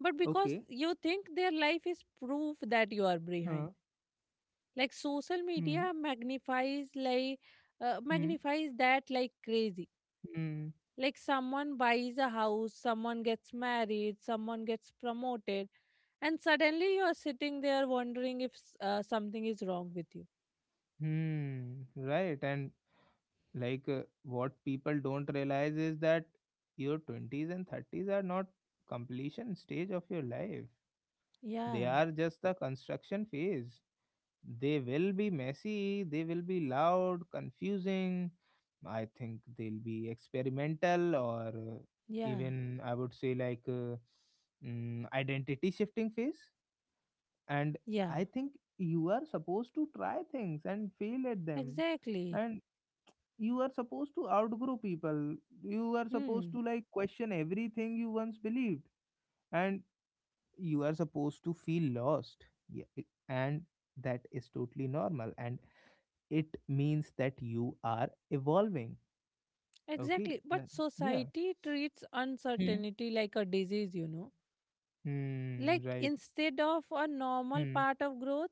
Speaker 2: but because
Speaker 1: Okay.
Speaker 2: you think their life is proof that you are
Speaker 1: Huh.
Speaker 2: behind. Like social
Speaker 1: Hmm.
Speaker 2: media magnifies, like uh,
Speaker 1: Hmm.
Speaker 2: magnifies that like crazy.
Speaker 1: Hmm.
Speaker 2: Like someone buys a house, someone gets married, someone gets promoted, and suddenly you are sitting there wondering if s- uh, something is wrong with you.
Speaker 1: Hmm. Right. And like uh, what people don't realize is that your twenties and thirties are not completion stage of your life,
Speaker 2: Yeah,
Speaker 1: they are just the construction phase. They will be messy, they will be loud, confusing. I think they'll be experimental, or uh,
Speaker 2: yeah,
Speaker 1: even I would say like uh, mm, identity shifting phase. And
Speaker 2: yeah,
Speaker 1: I think you are supposed to try things and fail at them.
Speaker 2: exactly.
Speaker 1: And you are supposed to outgrow people. You are supposed
Speaker 2: Hmm.
Speaker 1: to like question everything you once believed. And you are supposed to feel lost. Yeah. it- And that is totally normal. And it means that you are evolving. Okay.
Speaker 2: Exactly. But
Speaker 1: Na- yeah.
Speaker 2: society treats
Speaker 1: Hmm.
Speaker 2: uncertainty like a disease, you know.
Speaker 1: Hmm,
Speaker 2: Like
Speaker 1: right.
Speaker 2: instead of a normal
Speaker 1: Hmm.
Speaker 2: part of growth,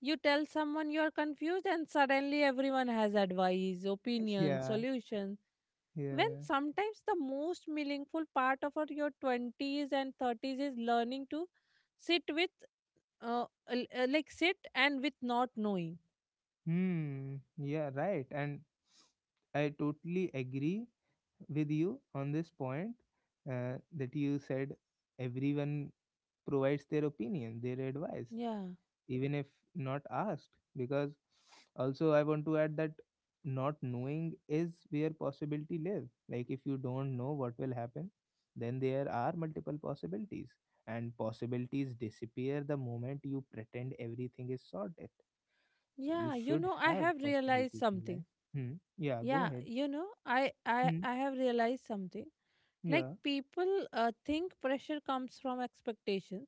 Speaker 2: you tell someone you're confused, and suddenly everyone has advice, opinions,
Speaker 1: Yeah.
Speaker 2: solutions. When
Speaker 1: Yeah.
Speaker 2: sometimes the most meaningful part of our- your twenties and thirties is learning to sit with, uh, l- uh, like sit and with not knowing.
Speaker 1: Hmm. Yeah, right. And I totally agree with you on this point, uh, that you said everyone provides their opinion, their advice.
Speaker 2: Yeah.
Speaker 1: Even if not asked. Because also I want to add that not knowing is where possibility live. Like if you don't know what will happen, then there are multiple possibilities, and possibilities disappear the moment you pretend everything is sorted. So you
Speaker 2: Yeah. You
Speaker 1: should
Speaker 2: know, I
Speaker 1: have
Speaker 2: have realized
Speaker 1: possibilities in
Speaker 2: something.
Speaker 1: life. Hmm? Yeah, go
Speaker 2: Yeah.
Speaker 1: ahead.
Speaker 2: You know, I, I,
Speaker 1: Hmm.
Speaker 2: I have realized something. Like
Speaker 1: Yeah.
Speaker 2: people uh, think pressure comes from expectations,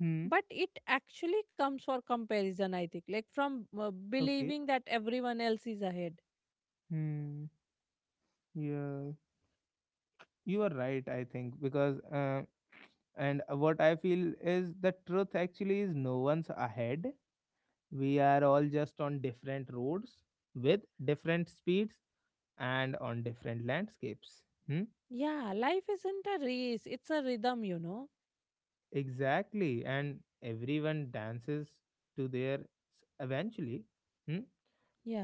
Speaker 1: Hmm.
Speaker 2: but it actually comes for comparison, I think, like from uh,
Speaker 1: Okay.
Speaker 2: believing that everyone else is ahead.
Speaker 1: Hmm. Yeah, you are right. I think because uh, and what I feel is the truth actually is no one's ahead. We are all just on different roads with different speeds and on different landscapes. Hmm?
Speaker 2: Yeah, life isn't a race, it's a rhythm, you know.
Speaker 1: Exactly. And everyone dances to their eventually. Hmm?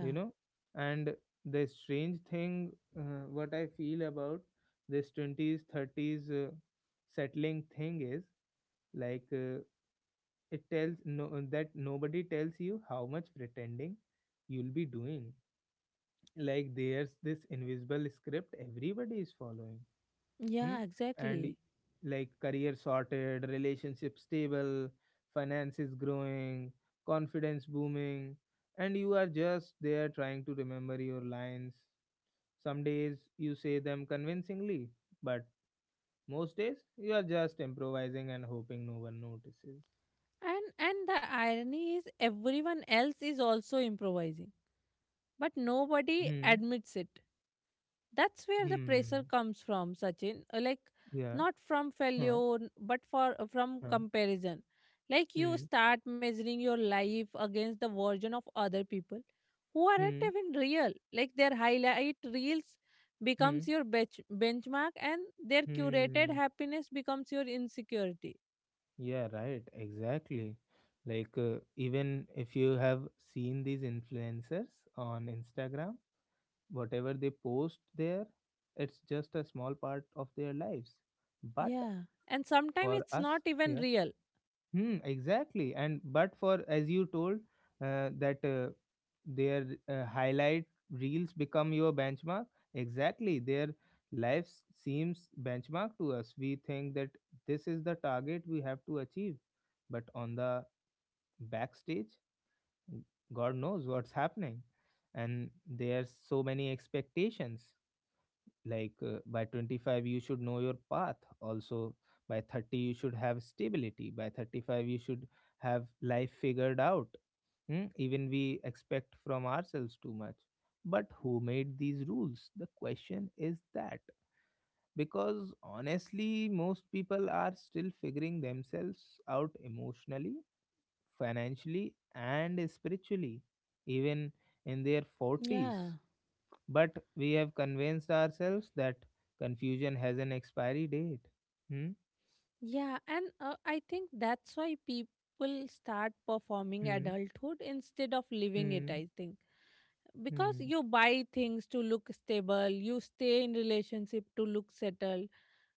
Speaker 1: You know? And the strange thing, uh, what I feel about this twenties, thirties uh, settling thing is like. Uh, It tells no that nobody tells you how much pretending you'll be doing. Like there's this invisible script everybody is following. Hmm?
Speaker 2: Yeah,
Speaker 1: And
Speaker 2: exactly.
Speaker 1: y- like career sorted, relationship stable, finances growing, confidence booming, and you are just there trying to remember your lines. Some days you say them convincingly, but most days you are just improvising and hoping no one notices.
Speaker 2: And and the irony is everyone else is also improvising, but nobody
Speaker 1: Hmm.
Speaker 2: admits it. That's where the pressure
Speaker 1: Hmm.
Speaker 2: comes from, Sachin. Uh, like
Speaker 1: Yeah.
Speaker 2: not from
Speaker 1: Huh,
Speaker 2: failure n- but for uh, from
Speaker 1: huh,
Speaker 2: comparison. Like you
Speaker 1: hmm,
Speaker 2: start measuring your life against the version of other people who
Speaker 1: hmm,
Speaker 2: aren't even real. Like their highlight reels
Speaker 1: hmm,
Speaker 2: becomes your bench- benchmark, and their curated
Speaker 1: hmm.
Speaker 2: happiness becomes your insecurity.
Speaker 1: Yeah, right, exactly. Like, uh, even if you have seen these influencers on Instagram, whatever they post there, it's just a small part of their lives. But
Speaker 2: Yeah. And sometimes
Speaker 1: for
Speaker 2: it's
Speaker 1: us,
Speaker 2: not even
Speaker 1: yeah,
Speaker 2: real.
Speaker 1: hmm, exactly. And but for as you told uh, that uh, their uh, highlight reels become your benchmark. Exactly, their lives seems benchmark to us. We think that this is the target we have to achieve, but on the backstage, God knows what's happening, and there's so many expectations, like uh, by twenty-five you should know your path, also by thirty you should have stability, by thirty-five you should have life figured out. Hmm, even we expect from ourselves too much. But who made these rules, the question is that, because honestly most people are still figuring themselves out emotionally, financially and spiritually, even in their forties.
Speaker 2: Yeah.
Speaker 1: But we have convinced ourselves that confusion has an expiry date. Hmm?
Speaker 2: Yeah, and uh, I think that's why people start performing
Speaker 1: Hmm?
Speaker 2: adulthood instead of living it,
Speaker 1: Hmm?
Speaker 2: I think. Because
Speaker 1: Hmm?
Speaker 2: you buy things to look stable, you stay in relationship to look settled,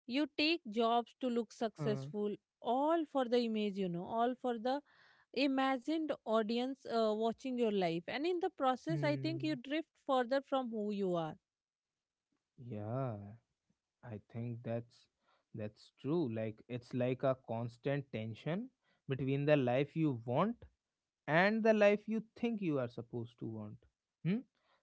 Speaker 2: you take jobs to look
Speaker 1: Huh?
Speaker 2: successful, all for the image, you know, all for the imagined audience uh, watching your life. And in the process, I think you
Speaker 1: Hmm?
Speaker 2: drift further from who you are.
Speaker 1: Yeah, I think that's that's true. Like, it's like a constant tension between the life you want and the life you think you are supposed to want. Hmm?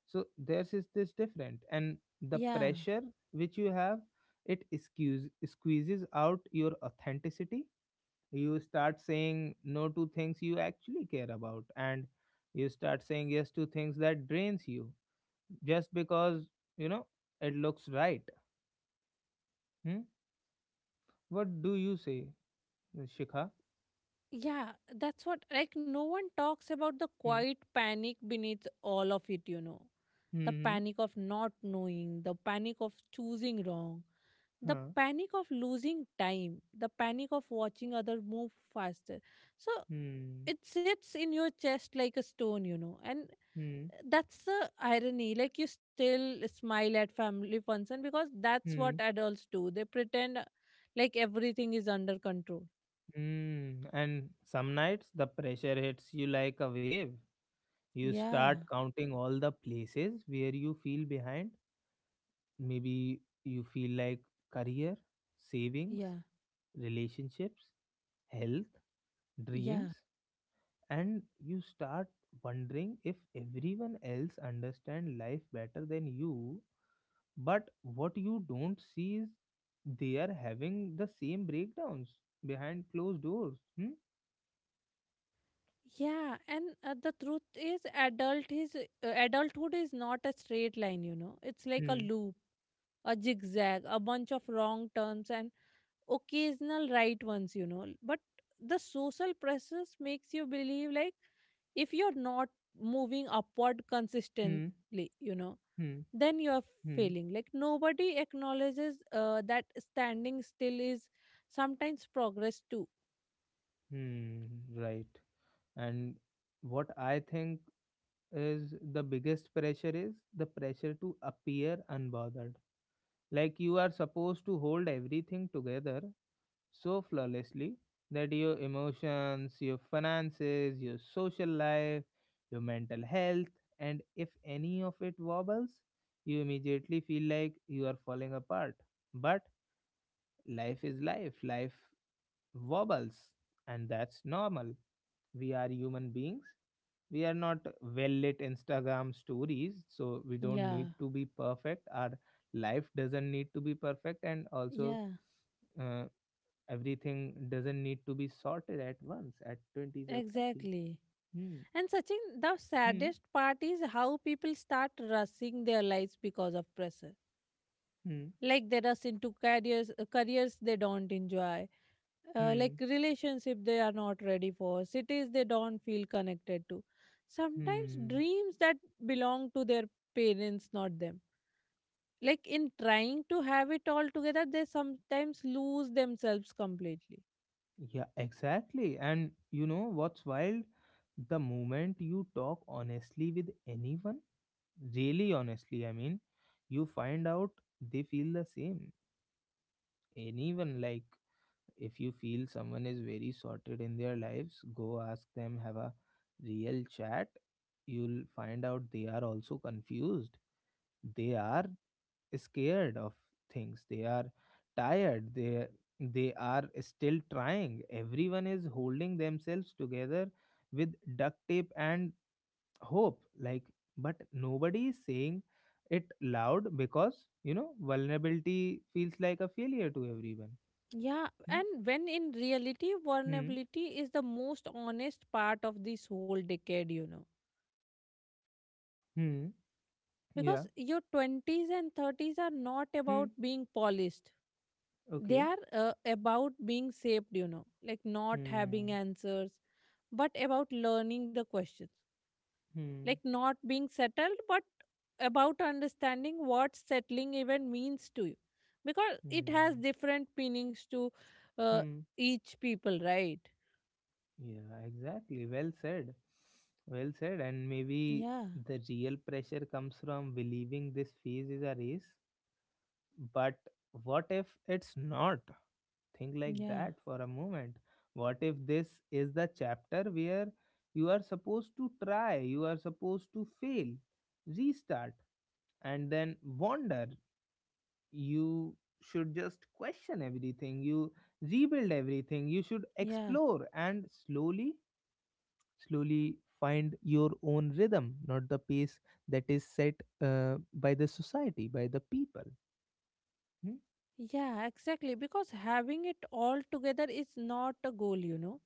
Speaker 1: So there's is this different, and the
Speaker 2: Yeah.
Speaker 1: pressure which you have, it squeezes squeezes out your authenticity. You start saying no to things you actually care about, and you start saying yes to things that drains you just because you know it looks right. Hmm? What do you say, Shikha?
Speaker 2: Yeah, that's what, like, no one talks about the
Speaker 1: Hmm.
Speaker 2: quiet panic beneath all of it, you know. The
Speaker 1: Hmm.
Speaker 2: panic of not knowing, the panic of choosing wrong, the
Speaker 1: Huh.
Speaker 2: panic of losing time, the panic of watching others move faster. So
Speaker 1: Hmm.
Speaker 2: it sits in your chest like a stone, you know. And
Speaker 1: Hmm.
Speaker 2: that's the irony. Like, you still smile at family function because that's what
Speaker 1: Hmm.
Speaker 2: adults do. They pretend uh, like everything is under control.
Speaker 1: Hmm. And some nights the pressure hits you like a wave, you
Speaker 2: Yeah,
Speaker 1: start counting all the places where you feel behind. Maybe you feel like career, savings,
Speaker 2: yeah,
Speaker 1: relationships, health, dreams,
Speaker 2: yeah.
Speaker 1: and you start wondering if everyone else understand life better than you. But what you don't see is they are having the same breakdowns behind closed doors. Hmm?
Speaker 2: Yeah, and uh, the truth is, adult is uh, adulthood is not a straight line. You know, it's like a
Speaker 1: Hmm,
Speaker 2: loop, a zigzag, a bunch of wrong turns and occasional right ones. You know, but the social pressures makes you believe like if you're not moving upward
Speaker 1: hmm,
Speaker 2: consistently, you know,
Speaker 1: hmm,
Speaker 2: then you're
Speaker 1: hmm,
Speaker 2: failing. Like nobody acknowledges uh, that standing still is sometimes progress too.
Speaker 1: hmm. Right. And what I think is the biggest pressure is the pressure to appear unbothered. Like, you are supposed to hold everything together so flawlessly, that your emotions, your finances, your social life, your mental health, and if any of it wobbles, you immediately feel like you are falling apart. But life is life, life wobbles, and that's normal. We are human beings. We are not well lit Instagram stories, so we don't
Speaker 2: Yeah,
Speaker 1: need to be perfect. Our life doesn't need to be perfect, and also
Speaker 2: yeah,
Speaker 1: uh. Everything doesn't need to be sorted at once at twenties or thirties.
Speaker 2: exactly.
Speaker 1: Hmm.
Speaker 2: And Sachin, the
Speaker 1: Hmm.
Speaker 2: saddest part is how people start rushing their lives because of pressure.
Speaker 1: Hmm.
Speaker 2: Like they rush into careers, uh, careers they don't enjoy, uh, like
Speaker 1: Hmm.
Speaker 2: relationship they are not ready for, cities they don't feel connected to. Sometimes
Speaker 1: Hmm.
Speaker 2: dreams that belong to their parents, not them. Like in trying to have it all together, they sometimes lose themselves completely.
Speaker 1: Yeah, exactly. And you know what's wild? The moment you talk honestly with anyone, really honestly, I mean, you find out they feel the same. Anyone, like, if you feel someone is very sorted in their lives, go ask them, have a real chat. You'll find out they are also confused. They are scared of things, they are tired, they they are still trying. Everyone is holding themselves together with duct tape and hope, like, but nobody is saying it loud, because you know vulnerability feels like a failure to everyone.
Speaker 2: Yeah,
Speaker 1: Hmm.
Speaker 2: and when in reality,
Speaker 1: Hmm,
Speaker 2: vulnerability is the most honest part of this whole decade, you know.
Speaker 1: hmm.
Speaker 2: Because
Speaker 1: Yeah.
Speaker 2: your twenties and thirties are not about
Speaker 1: Hmm.
Speaker 2: being polished, they
Speaker 1: Okay.
Speaker 2: are uh, about being shaped, you know, like not having
Speaker 1: Hmm.
Speaker 2: answers, but about learning the questions, like
Speaker 1: Hmm.
Speaker 2: not being settled, but about understanding what settling even means to you. Because it has
Speaker 1: Hmm.
Speaker 2: different meanings to uh,
Speaker 1: Hmm.
Speaker 2: each people, right?
Speaker 1: Yeah, exactly. Well said. Well said. And maybe
Speaker 2: Yeah,
Speaker 1: the real pressure comes from believing this phase is a race. But what if it's not? Think like
Speaker 2: yeah.
Speaker 1: that for a moment. What if this is the chapter where you are supposed to try, you are supposed to fail, restart, and then wander? You should just question everything, you rebuild everything, you should
Speaker 2: Yeah,
Speaker 1: explore, and slowly, slowly find your own rhythm, not the pace that is set uh, by the society, by the people. Hmm.
Speaker 2: yeah, exactly. Because having it all together is not a goal, you know.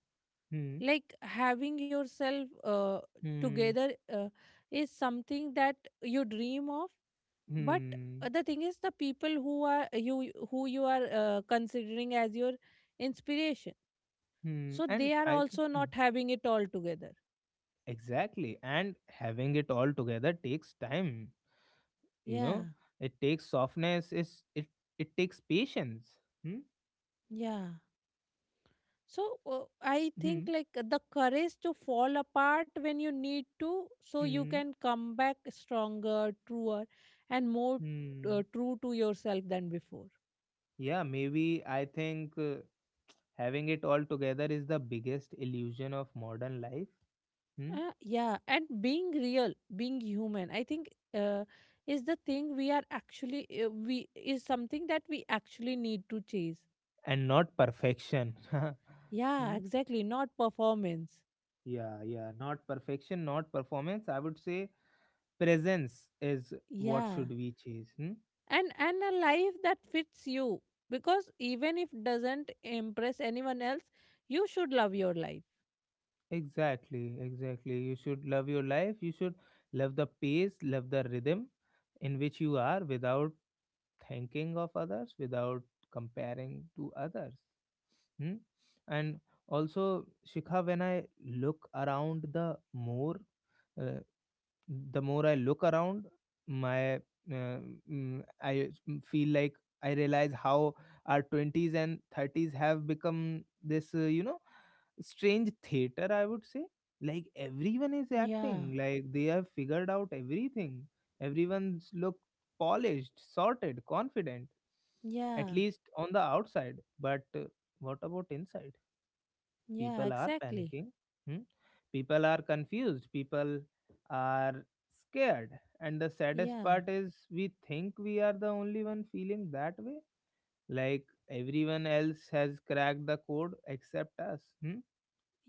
Speaker 1: Hmm.
Speaker 2: Like having yourself uh,
Speaker 1: Hmm.
Speaker 2: together uh, is something that you dream of. But
Speaker 1: Hmm,
Speaker 2: uh, the thing is, the people who are you who you are uh, considering as your inspiration,
Speaker 1: hmm.
Speaker 2: so
Speaker 1: And
Speaker 2: they are
Speaker 1: i th-
Speaker 2: also
Speaker 1: hmm,
Speaker 2: not having it all together.
Speaker 1: exactly, and having it all together takes time, you know.
Speaker 2: Yeah,
Speaker 1: It takes softness, is it it takes patience. Hmm.
Speaker 2: yeah. So uh, I think
Speaker 1: Hmm.
Speaker 2: like the courage to fall apart when you need to, so you
Speaker 1: Hmm,
Speaker 2: can come back stronger, truer, and more uh,
Speaker 1: hmm.
Speaker 2: true to yourself than before.
Speaker 1: Yeah, maybe. I think uh, having it all together is the biggest illusion of modern life. Hmm.
Speaker 2: Uh, yeah, and being real, being human, I think uh, is the thing we are actually uh, we is something that we actually need to chase.
Speaker 1: And not perfection.
Speaker 2: Yeah,
Speaker 1: Hmm?
Speaker 2: exactly. Not performance.
Speaker 1: Yeah, yeah, not perfection, not performance. I would say presence is what should
Speaker 2: Yeah.
Speaker 1: we chase. Hmm?
Speaker 2: and and a life that fits you, because even if doesn't impress anyone else, you should love your life.
Speaker 1: Exactly, exactly. You should love your life. You should love the pace, love the rhythm in which you are, without thinking of others, without comparing to others. Hmm? And also, Shikha, when I look around, the more uh, the more I look around, my uh, mm, I mm, feel like I realize how our twenties and thirties have become this, uh, you know, strange theater, I would say. Like, everyone is
Speaker 2: Yeah,
Speaker 1: acting like they have figured out everything. Everyone's look polished, sorted, confident, at
Speaker 2: yeah,
Speaker 1: least on the outside, but uh, what about inside?
Speaker 2: yeah,
Speaker 1: People are
Speaker 2: exactly.
Speaker 1: panicking. Hmm? People are confused, people are scared, and the saddest
Speaker 2: Yeah,
Speaker 1: part is we think we are the only one feeling that way, like everyone else has cracked the code except us. Hmm?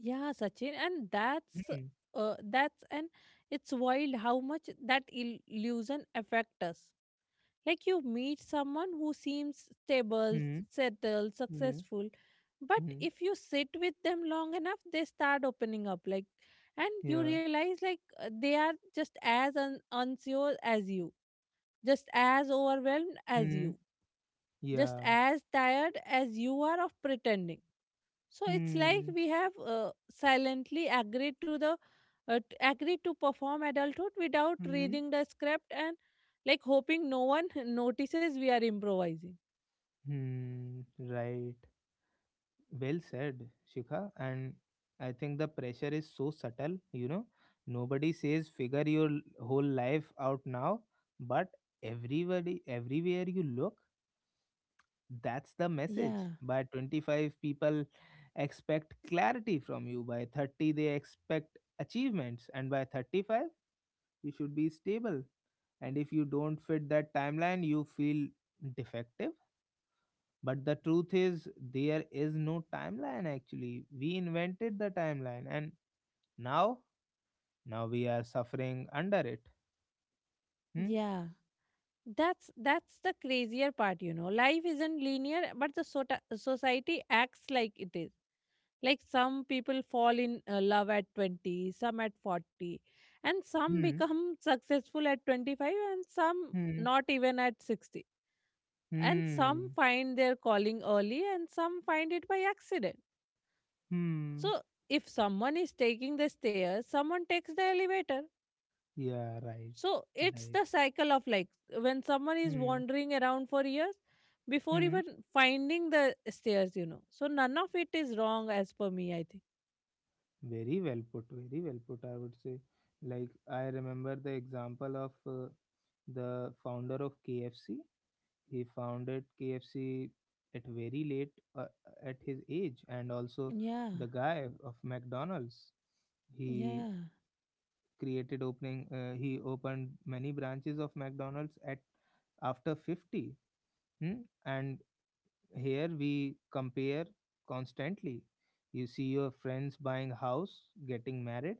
Speaker 2: yeah, Sachin. and that's
Speaker 1: Hmm.
Speaker 2: uh, that's and it's wild how much that il- illusion affect us. Like you meet someone who seems stable,
Speaker 1: Hmm.
Speaker 2: settled,
Speaker 1: Yeah.
Speaker 2: successful, but
Speaker 1: Mm-hmm.
Speaker 2: if you sit with them long enough, they start opening up. Like, and you
Speaker 1: Yeah.
Speaker 2: realize like uh, they are just as un- unsure as you, just as overwhelmed as
Speaker 1: Mm-hmm.
Speaker 2: you, just
Speaker 1: Yeah.
Speaker 2: as tired as you are of pretending. So it's like
Speaker 1: Hmm.
Speaker 2: we have uh, silently agreed to the uh, t- agreed to perform adulthood without
Speaker 1: Hmm.
Speaker 2: reading the script, and like hoping no one notices we are improvising.
Speaker 1: Hmm. Right. Well said, Shikha. And I think the pressure is so subtle, you know. Nobody says figure your l- whole life out now, but everybody, everywhere you look, that's the message.
Speaker 2: Yeah,
Speaker 1: By twenty-five people expect clarity from you. By thirty they expect achievements, and by thirty-five you should be stable, and if you don't fit that timeline you feel defective. But the truth is there is no timeline, actually. We invented the timeline, and now now we are suffering under it. Hmm.
Speaker 2: yeah. That's that's the crazier part, you know. Life isn't linear, but the sota- society acts like it is. Like some people fall in uh, love at twenty, some at forty, and some
Speaker 1: Hmm.
Speaker 2: become successful at twenty-five, and some
Speaker 1: Hmm.
Speaker 2: not even at sixty, and some
Speaker 1: Hmm.
Speaker 2: find their calling early and some find it by accident.
Speaker 1: Hmm.
Speaker 2: So if someone is taking the stairs, someone takes the elevator.
Speaker 1: Yeah, right,
Speaker 2: So it's
Speaker 1: right.
Speaker 2: the cycle of, like, when someone is
Speaker 1: Hmm.
Speaker 2: wandering around for years before
Speaker 1: Hmm.
Speaker 2: even finding the stairs you know So none of it is wrong as per me, I think.
Speaker 1: Very well put, very well put, I would say. Like, I remember the example of uh, the founder of KFC. He founded K F C at very late, uh, uh, at his age, and also
Speaker 2: Yeah,
Speaker 1: the guy of McDonald's. He
Speaker 2: yeah,
Speaker 1: created opening. Uh, he opened many branches of McDonald's at after fifty. Hmm? And here we compare constantly. You see your friends buying house, getting married,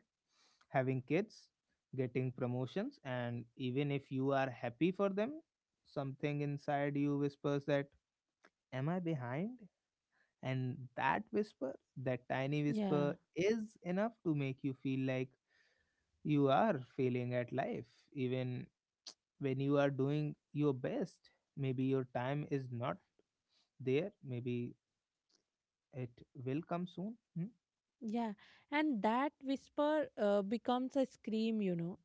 Speaker 1: having kids, getting promotions, and even if you are happy for them, something inside you whispers that, am I behind? And that whisper, that tiny
Speaker 2: yeah.
Speaker 1: whisper, is enough to make you feel like you are failing at life, even when you are doing your best. Maybe your time is not there, maybe it will come soon. Hmm?
Speaker 2: Yeah, and that whisper uh, becomes a scream, you know.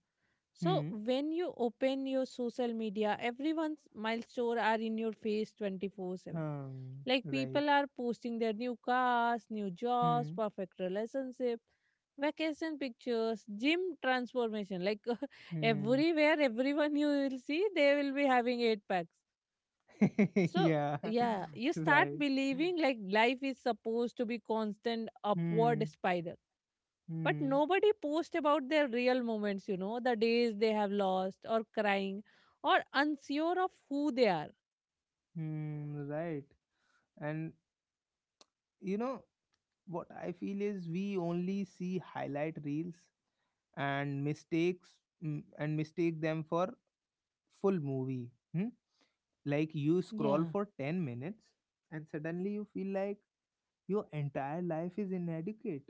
Speaker 2: So
Speaker 1: Hmm.
Speaker 2: when you open your social media, everyone's milestone are in your face twenty-four seven.
Speaker 1: Um,
Speaker 2: Like,
Speaker 1: right.
Speaker 2: people are posting their new cars, new jobs,
Speaker 1: Hmm.
Speaker 2: perfect relationship, vacation pictures, gym transformation. Like
Speaker 1: Hmm.
Speaker 2: everywhere, everyone you will see, they will be having eight packs. So
Speaker 1: Yeah.
Speaker 2: yeah, you start
Speaker 1: Right.
Speaker 2: believing like life is supposed to be constant upward
Speaker 1: Hmm.
Speaker 2: spiral, but
Speaker 1: Hmm.
Speaker 2: nobody posts about their real moments you know the days they have lost or crying or unsure of who they are.
Speaker 1: Hmm. Right. And you know, what I feel is we only see highlight reels and mistakes, mm, and mistake them for full movie. Hmm? Like, you scroll
Speaker 2: Yeah,
Speaker 1: for 10 minutes and suddenly you feel like your entire life is inadequate.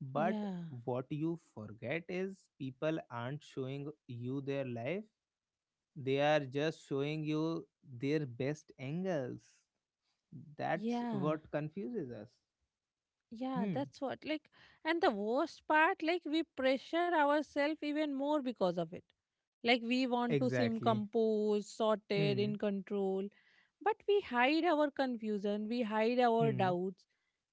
Speaker 1: But
Speaker 2: yeah,
Speaker 1: what you forget is people aren't showing you their life, they are just showing you their best angles. That's
Speaker 2: yeah,
Speaker 1: what confuses us.
Speaker 2: yeah.
Speaker 1: Hmm.
Speaker 2: That's what, like, and the worst part, like, we pressure ourselves even more because of it. Like, we want to seem
Speaker 1: Exactly.
Speaker 2: composed, sorted,
Speaker 1: Hmm.
Speaker 2: in control, but we hide our confusion, we hide our
Speaker 1: Hmm.
Speaker 2: doubts,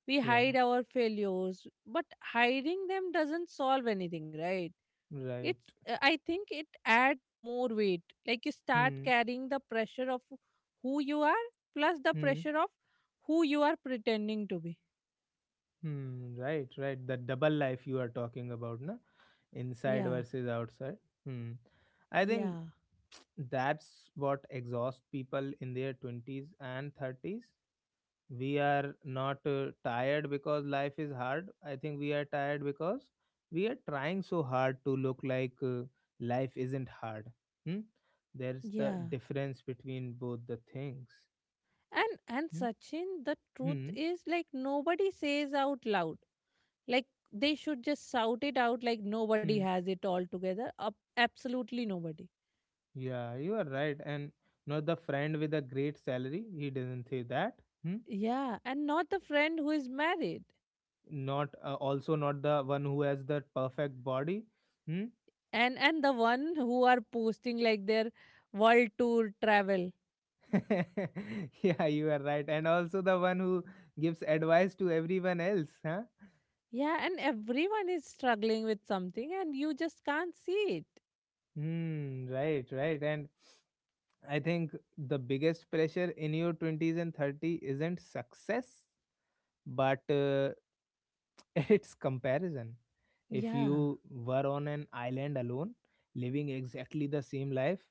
Speaker 2: we
Speaker 1: Yeah.
Speaker 2: hide our failures, but hiding them doesn't solve anything, right?
Speaker 1: Right.
Speaker 2: It's uh, I think it adds more weight, like you start
Speaker 1: Hmm.
Speaker 2: carrying the pressure of who you are plus the
Speaker 1: Hmm.
Speaker 2: pressure of who you are pretending to be.
Speaker 1: Hmm. Right. Right. The double life you are talking about, na? Inside
Speaker 2: Yeah,
Speaker 1: versus outside. Hmm. I think
Speaker 2: yeah,
Speaker 1: that's what exhausts people in their twenties and thirties. We are not uh, tired because life is hard. I think we are tired because we are trying so hard to look like uh, life isn't hard. Hmm? There's the
Speaker 2: yeah.
Speaker 1: difference between both the things.
Speaker 2: And and
Speaker 1: Hmm.
Speaker 2: Sachin, the truth
Speaker 1: Hmm.
Speaker 2: is, like, nobody says out loud, like, they should just shout it out, like, nobody
Speaker 1: Hmm.
Speaker 2: has it all together. Ab- absolutely nobody.
Speaker 1: Yeah, you are right. And not the friend with a great salary. He didn't say that. Hmm?
Speaker 2: Yeah, and not the friend who is married,
Speaker 1: Not, uh, also not the one who has the perfect body. Hmm?
Speaker 2: and and the one who are posting like their world tour travel.
Speaker 1: Yeah, you are right. And also the one who gives advice to everyone else. Huh?
Speaker 2: Yeah, and everyone is struggling with something and you just can't see it.
Speaker 1: Hmm. Right. Right. And I think the biggest pressure in your twenties and thirty isn't success, but uh, it's comparison. If
Speaker 2: Yeah,
Speaker 1: you were on an island alone, living exactly the same life,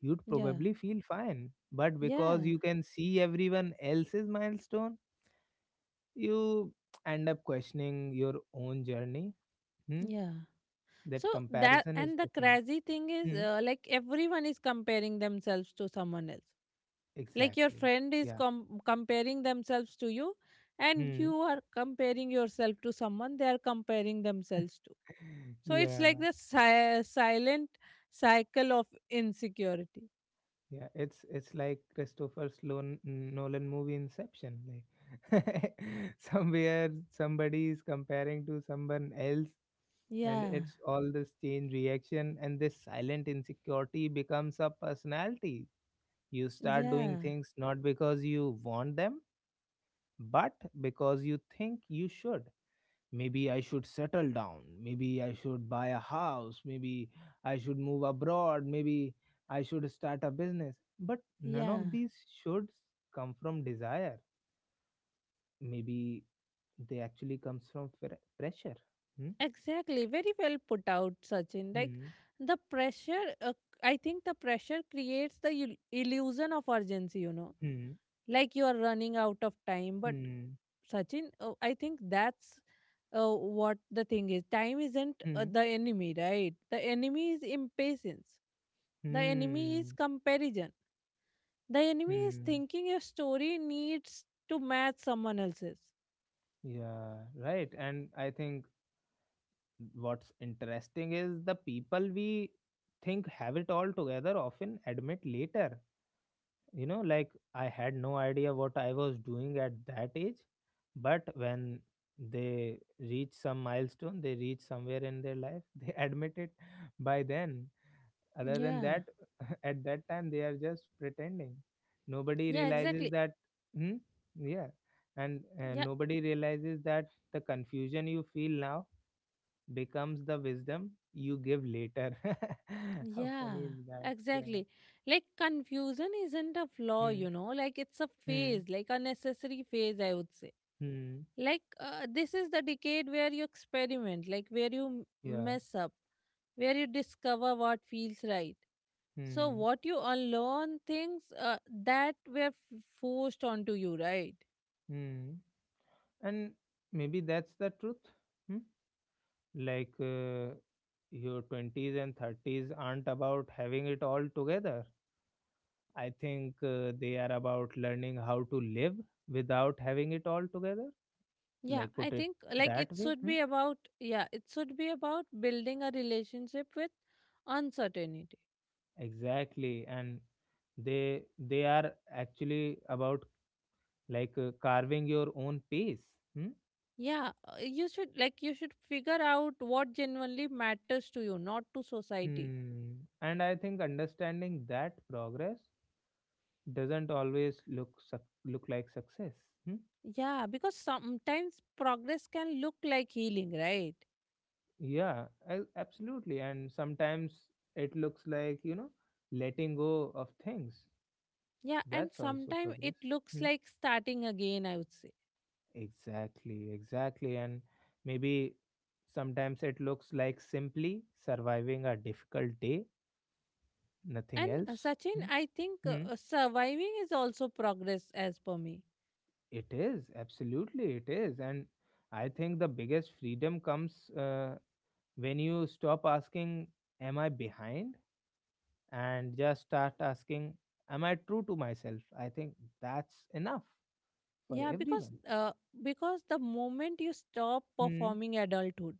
Speaker 1: you'd
Speaker 2: yeah,
Speaker 1: probably feel fine. But because
Speaker 2: yeah,
Speaker 1: you can see everyone else's milestone, you end up questioning your own journey. Hmm?
Speaker 2: yeah. So
Speaker 1: That
Speaker 2: that,
Speaker 1: comparison is
Speaker 2: and the
Speaker 1: the thing.
Speaker 2: crazy thing is,
Speaker 1: Hmm?
Speaker 2: uh, like, everyone is comparing themselves to someone else. Like, your
Speaker 1: Exactly.
Speaker 2: friend is
Speaker 1: Yeah.
Speaker 2: com- comparing themselves to you, and you
Speaker 1: Hmm.
Speaker 2: are comparing yourself to someone they are comparing themselves to. So it's
Speaker 1: Yeah.
Speaker 2: like the si- silent cycle of insecurity.
Speaker 1: Yeah, it's it's like Christopher Sloan Nolan movie Inception. Like, somewhere, somebody is comparing to someone else, and
Speaker 2: Yeah,
Speaker 1: it's all this chain reaction, and this silent insecurity becomes a personality. You start doing
Speaker 2: yeah,
Speaker 1: things not because you want them, but because you think you should. Maybe I should settle down, maybe I should buy a house, maybe I should move abroad, maybe I should start a business. But none of
Speaker 2: yeah.
Speaker 1: these shoulds come from desire. Maybe they actually comes from fre- pressure. Hmm?
Speaker 2: Exactly, very well put out, Sachin. Like
Speaker 1: Hmm.
Speaker 2: the pressure, uh, I think the pressure creates the il- illusion of urgency, you know,
Speaker 1: Hmm.
Speaker 2: like you are running out of time. But
Speaker 1: Hmm.
Speaker 2: Sachin, uh, I think that's uh, what the thing is. Time isn't uh,
Speaker 1: Hmm.
Speaker 2: the enemy, right? The enemy is impatience. The enemy is
Speaker 1: Hmm.
Speaker 2: comparison. The enemy is
Speaker 1: Hmm.
Speaker 2: thinking your story needs to match someone else's.
Speaker 1: Yeah, right. And I think what's interesting is the people we think have it all together often admit later, you know, like, I had no idea what I was doing at that age. But when they reach some milestone, they reach somewhere in their life, they admit it by then. Other than
Speaker 2: Yeah.
Speaker 1: that, at that time they are just pretending. Nobody
Speaker 2: Yeah, exactly.
Speaker 1: realizes that. Hmm? Yeah. And uh, nobody realizes that the confusion you feel now becomes the wisdom you give later. How
Speaker 2: Yeah,
Speaker 1: funny is that? Yeah.
Speaker 2: exactly. Like confusion isn't a flaw,
Speaker 1: Hmm.
Speaker 2: you know, like it's a
Speaker 1: Hmm.
Speaker 2: phase, like a necessary phase, I would say.
Speaker 1: Hmm.
Speaker 2: Like uh, this is the decade where you experiment, like where you m-
Speaker 1: Yeah.
Speaker 2: mess up, where you discover what feels right. So
Speaker 1: Hmm.
Speaker 2: what you unlearn things uh, that were f- forced onto you, right?
Speaker 1: Hmm. And maybe that's the truth. Hmm? Like, uh, your twenties and thirties aren't about having it all together. I think uh, they are about learning how to live without having it all together.
Speaker 2: Yeah,
Speaker 1: Like,
Speaker 2: I
Speaker 1: put it
Speaker 2: think like it
Speaker 1: that way.
Speaker 2: should
Speaker 1: Hmm?
Speaker 2: be about, yeah, it should be about building a relationship with uncertainty.
Speaker 1: Exactly. And they they are actually about, like, uh, carving your own pace. Hmm?
Speaker 2: Yeah, uh, you should, like, you should figure out what genuinely matters to you, not to society.
Speaker 1: Hmm. And I think understanding that progress doesn't always look suc- look like success. Hmm?
Speaker 2: Yeah, because sometimes progress can look like healing, right?
Speaker 1: Yeah, I, absolutely. And sometimes it looks like, you know letting go of things.
Speaker 2: Yeah, and
Speaker 1: That's also
Speaker 2: sometimes it
Speaker 1: progress.
Speaker 2: looks
Speaker 1: Hmm?
Speaker 2: like starting again, I would say.
Speaker 1: Exactly, exactly. And maybe sometimes it looks like simply surviving a difficult day,
Speaker 2: And
Speaker 1: nothing
Speaker 2: uh,
Speaker 1: else.
Speaker 2: Sachin,
Speaker 1: Hmm?
Speaker 2: I think uh,
Speaker 1: Hmm?
Speaker 2: uh, surviving is also progress as per me.
Speaker 1: It is, absolutely it is. And I think the biggest freedom comes uh, when you stop asking, am I behind, and just start asking, am I true to myself? I think that's enough for
Speaker 2: Yeah, because
Speaker 1: everyone.
Speaker 2: uh, because the moment you stop
Speaker 1: Hmm.
Speaker 2: performing adulthood,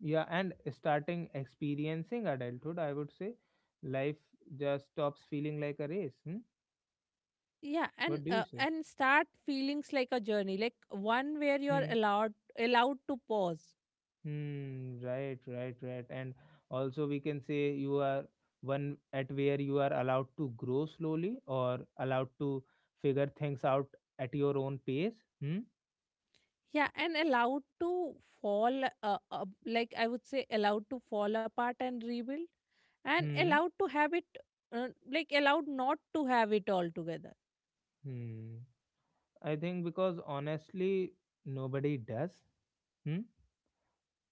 Speaker 1: Yeah, and starting experiencing adulthood, I would say life just stops feeling like a race. Hmm?
Speaker 2: yeah, and
Speaker 1: What do you
Speaker 2: uh,
Speaker 1: say?
Speaker 2: and start feelings like a journey, like one where you are
Speaker 1: Hmm.
Speaker 2: allowed, allowed to pause.
Speaker 1: Hmm. Right, right, right. And also, we can say you are one at where you are allowed to grow slowly, or allowed to figure things out at your own pace. Hmm.
Speaker 2: Yeah, and allowed to fall, uh, uh, like I would say, allowed to fall apart and rebuild, and
Speaker 1: Hmm.
Speaker 2: allowed to have it, uh, like allowed not to have it altogether.
Speaker 1: Hmm. I think because honestly, nobody does. Hmm?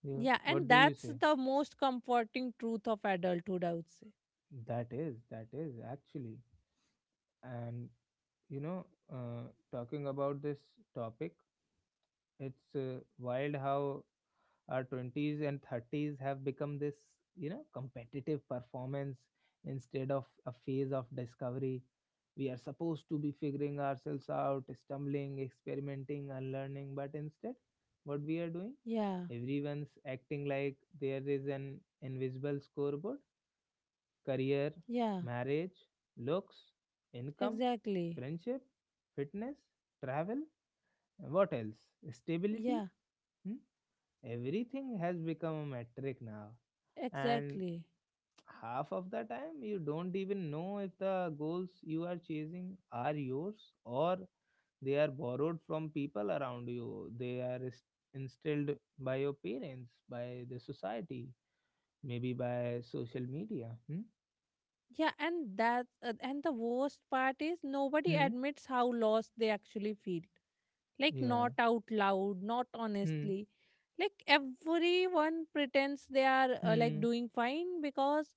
Speaker 1: Yeah.
Speaker 2: Yeah,
Speaker 1: What
Speaker 2: and
Speaker 1: do you
Speaker 2: that's
Speaker 1: say?
Speaker 2: the most comforting truth of adulthood, I would say.
Speaker 1: That is, that is actually. And, you know, uh, talking about this topic, it's uh, wild how our twenties and thirties have become this, you know competitive performance, instead of a phase of discovery. We are supposed to be figuring ourselves out, stumbling, experimenting and learning, but instead, what we are doing,
Speaker 2: Yeah,
Speaker 1: everyone's acting like there is an invisible scoreboard. Career,
Speaker 2: yeah,
Speaker 1: marriage, looks, income,
Speaker 2: exactly.
Speaker 1: friendship, fitness, travel, and what else, stability.
Speaker 2: Yeah,
Speaker 1: Hmm? Everything has become a metric now, and
Speaker 2: exactly.
Speaker 1: half of the time you don't even know if the goals you are chasing are yours, or they are borrowed from people around you. They are inst- instilled by your parents, by the society, maybe by social media. Hmm?
Speaker 2: Yeah, and that, uh, and the worst part is nobody
Speaker 1: Hmm?
Speaker 2: admits how lost they actually feel. Like,
Speaker 1: Yeah.
Speaker 2: not out loud, not
Speaker 1: Hmm.
Speaker 2: honestly. Like, everyone pretends they are uh, like
Speaker 1: Hmm.
Speaker 2: doing fine because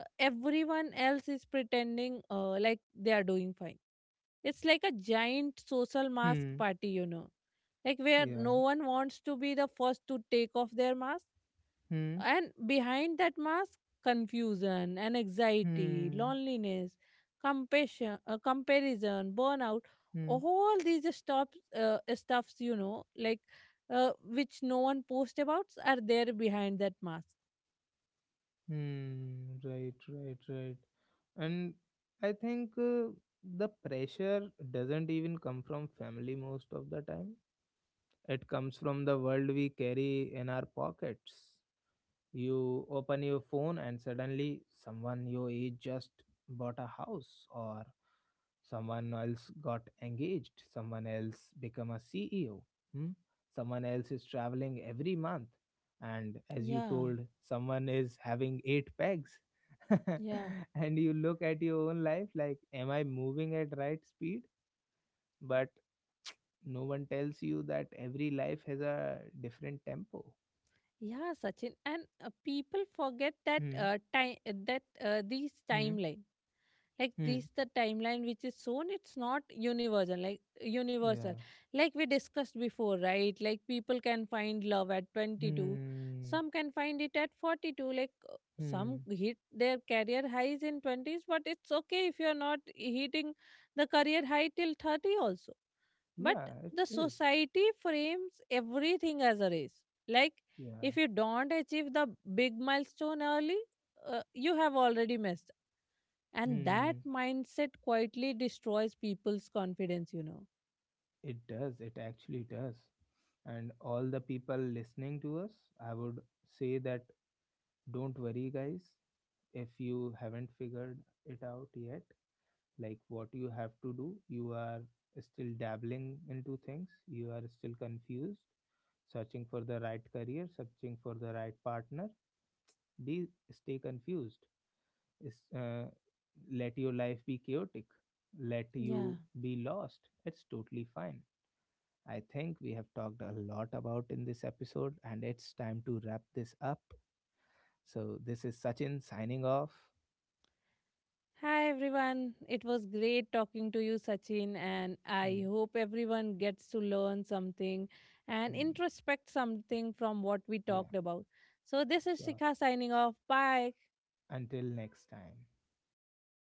Speaker 2: uh, everyone else is pretending uh, like they are doing fine. It's like a giant social mask
Speaker 1: Hmm.
Speaker 2: party you know like where no
Speaker 1: Yeah.
Speaker 2: one wants to be the first to take off their mask,
Speaker 1: Hmm.
Speaker 2: and behind that mask, confusion and anxiety,
Speaker 1: Hmm.
Speaker 2: loneliness, compassion, uh, comparison, burnout,
Speaker 1: Hmm.
Speaker 2: all these stops, uh, stuffs, you know, like uh, which no one posts about are there behind that mask.
Speaker 1: Hmm, right, right, right. And I think uh, the pressure doesn't even come from family most of the time. It comes from the world we carry in our pockets. You open your phone and suddenly someone your age just bought a house, or someone else got engaged, someone else become a C E O. Hmm? Someone else is traveling every month, and as you
Speaker 2: Yeah,
Speaker 1: told, someone is having eight pegs.
Speaker 2: yeah.
Speaker 1: And you look at your own life like, am I moving at right speed? But no one tells you that every life has a different tempo.
Speaker 2: Yeah, Sachin, and uh, people forget that
Speaker 1: Hmm.
Speaker 2: uh, time, that uh, these
Speaker 1: Hmm.
Speaker 2: timeline. Like,
Speaker 1: Hmm.
Speaker 2: this the timeline which is shown, it's not universal, like universal,
Speaker 1: Yeah.
Speaker 2: like we discussed before, right? Like people can find love at twenty-two,
Speaker 1: Hmm.
Speaker 2: some can find it at forty-two. Like uh, some
Speaker 1: Hmm.
Speaker 2: hit their career highs in twenties, but it's okay if you're not hitting the career high till thirty also. But
Speaker 1: Yeah, it
Speaker 2: the
Speaker 1: is.
Speaker 2: society frames everything as a race. Like,
Speaker 1: Yeah.
Speaker 2: if you don't achieve the big milestone early, uh, you have already missed, and that
Speaker 1: Hmm.
Speaker 2: mindset quietly destroys people's confidence, you know.
Speaker 1: It does. It actually does. And all the people listening to us, I would say that, don't worry, guys. If you haven't figured it out yet, like what you have to do, you are still dabbling into things, you are still confused, searching for the right career, searching for the right partner. Be stay confused, is, uh, let your life be chaotic, let
Speaker 2: Yeah.
Speaker 1: you be lost, it's totally fine. I think we have talked a lot about in this episode, and it's time to wrap this up. So this is Sachin signing off.
Speaker 2: Hi everyone, it was great talking to you, Sachin, and I
Speaker 1: Hmm.
Speaker 2: hope everyone gets to learn something and
Speaker 1: Hmm,
Speaker 2: introspect something from what we
Speaker 1: yeah.
Speaker 2: talked about. So, this is
Speaker 1: Sure,
Speaker 2: Shikha signing off. Bye.
Speaker 1: until next time.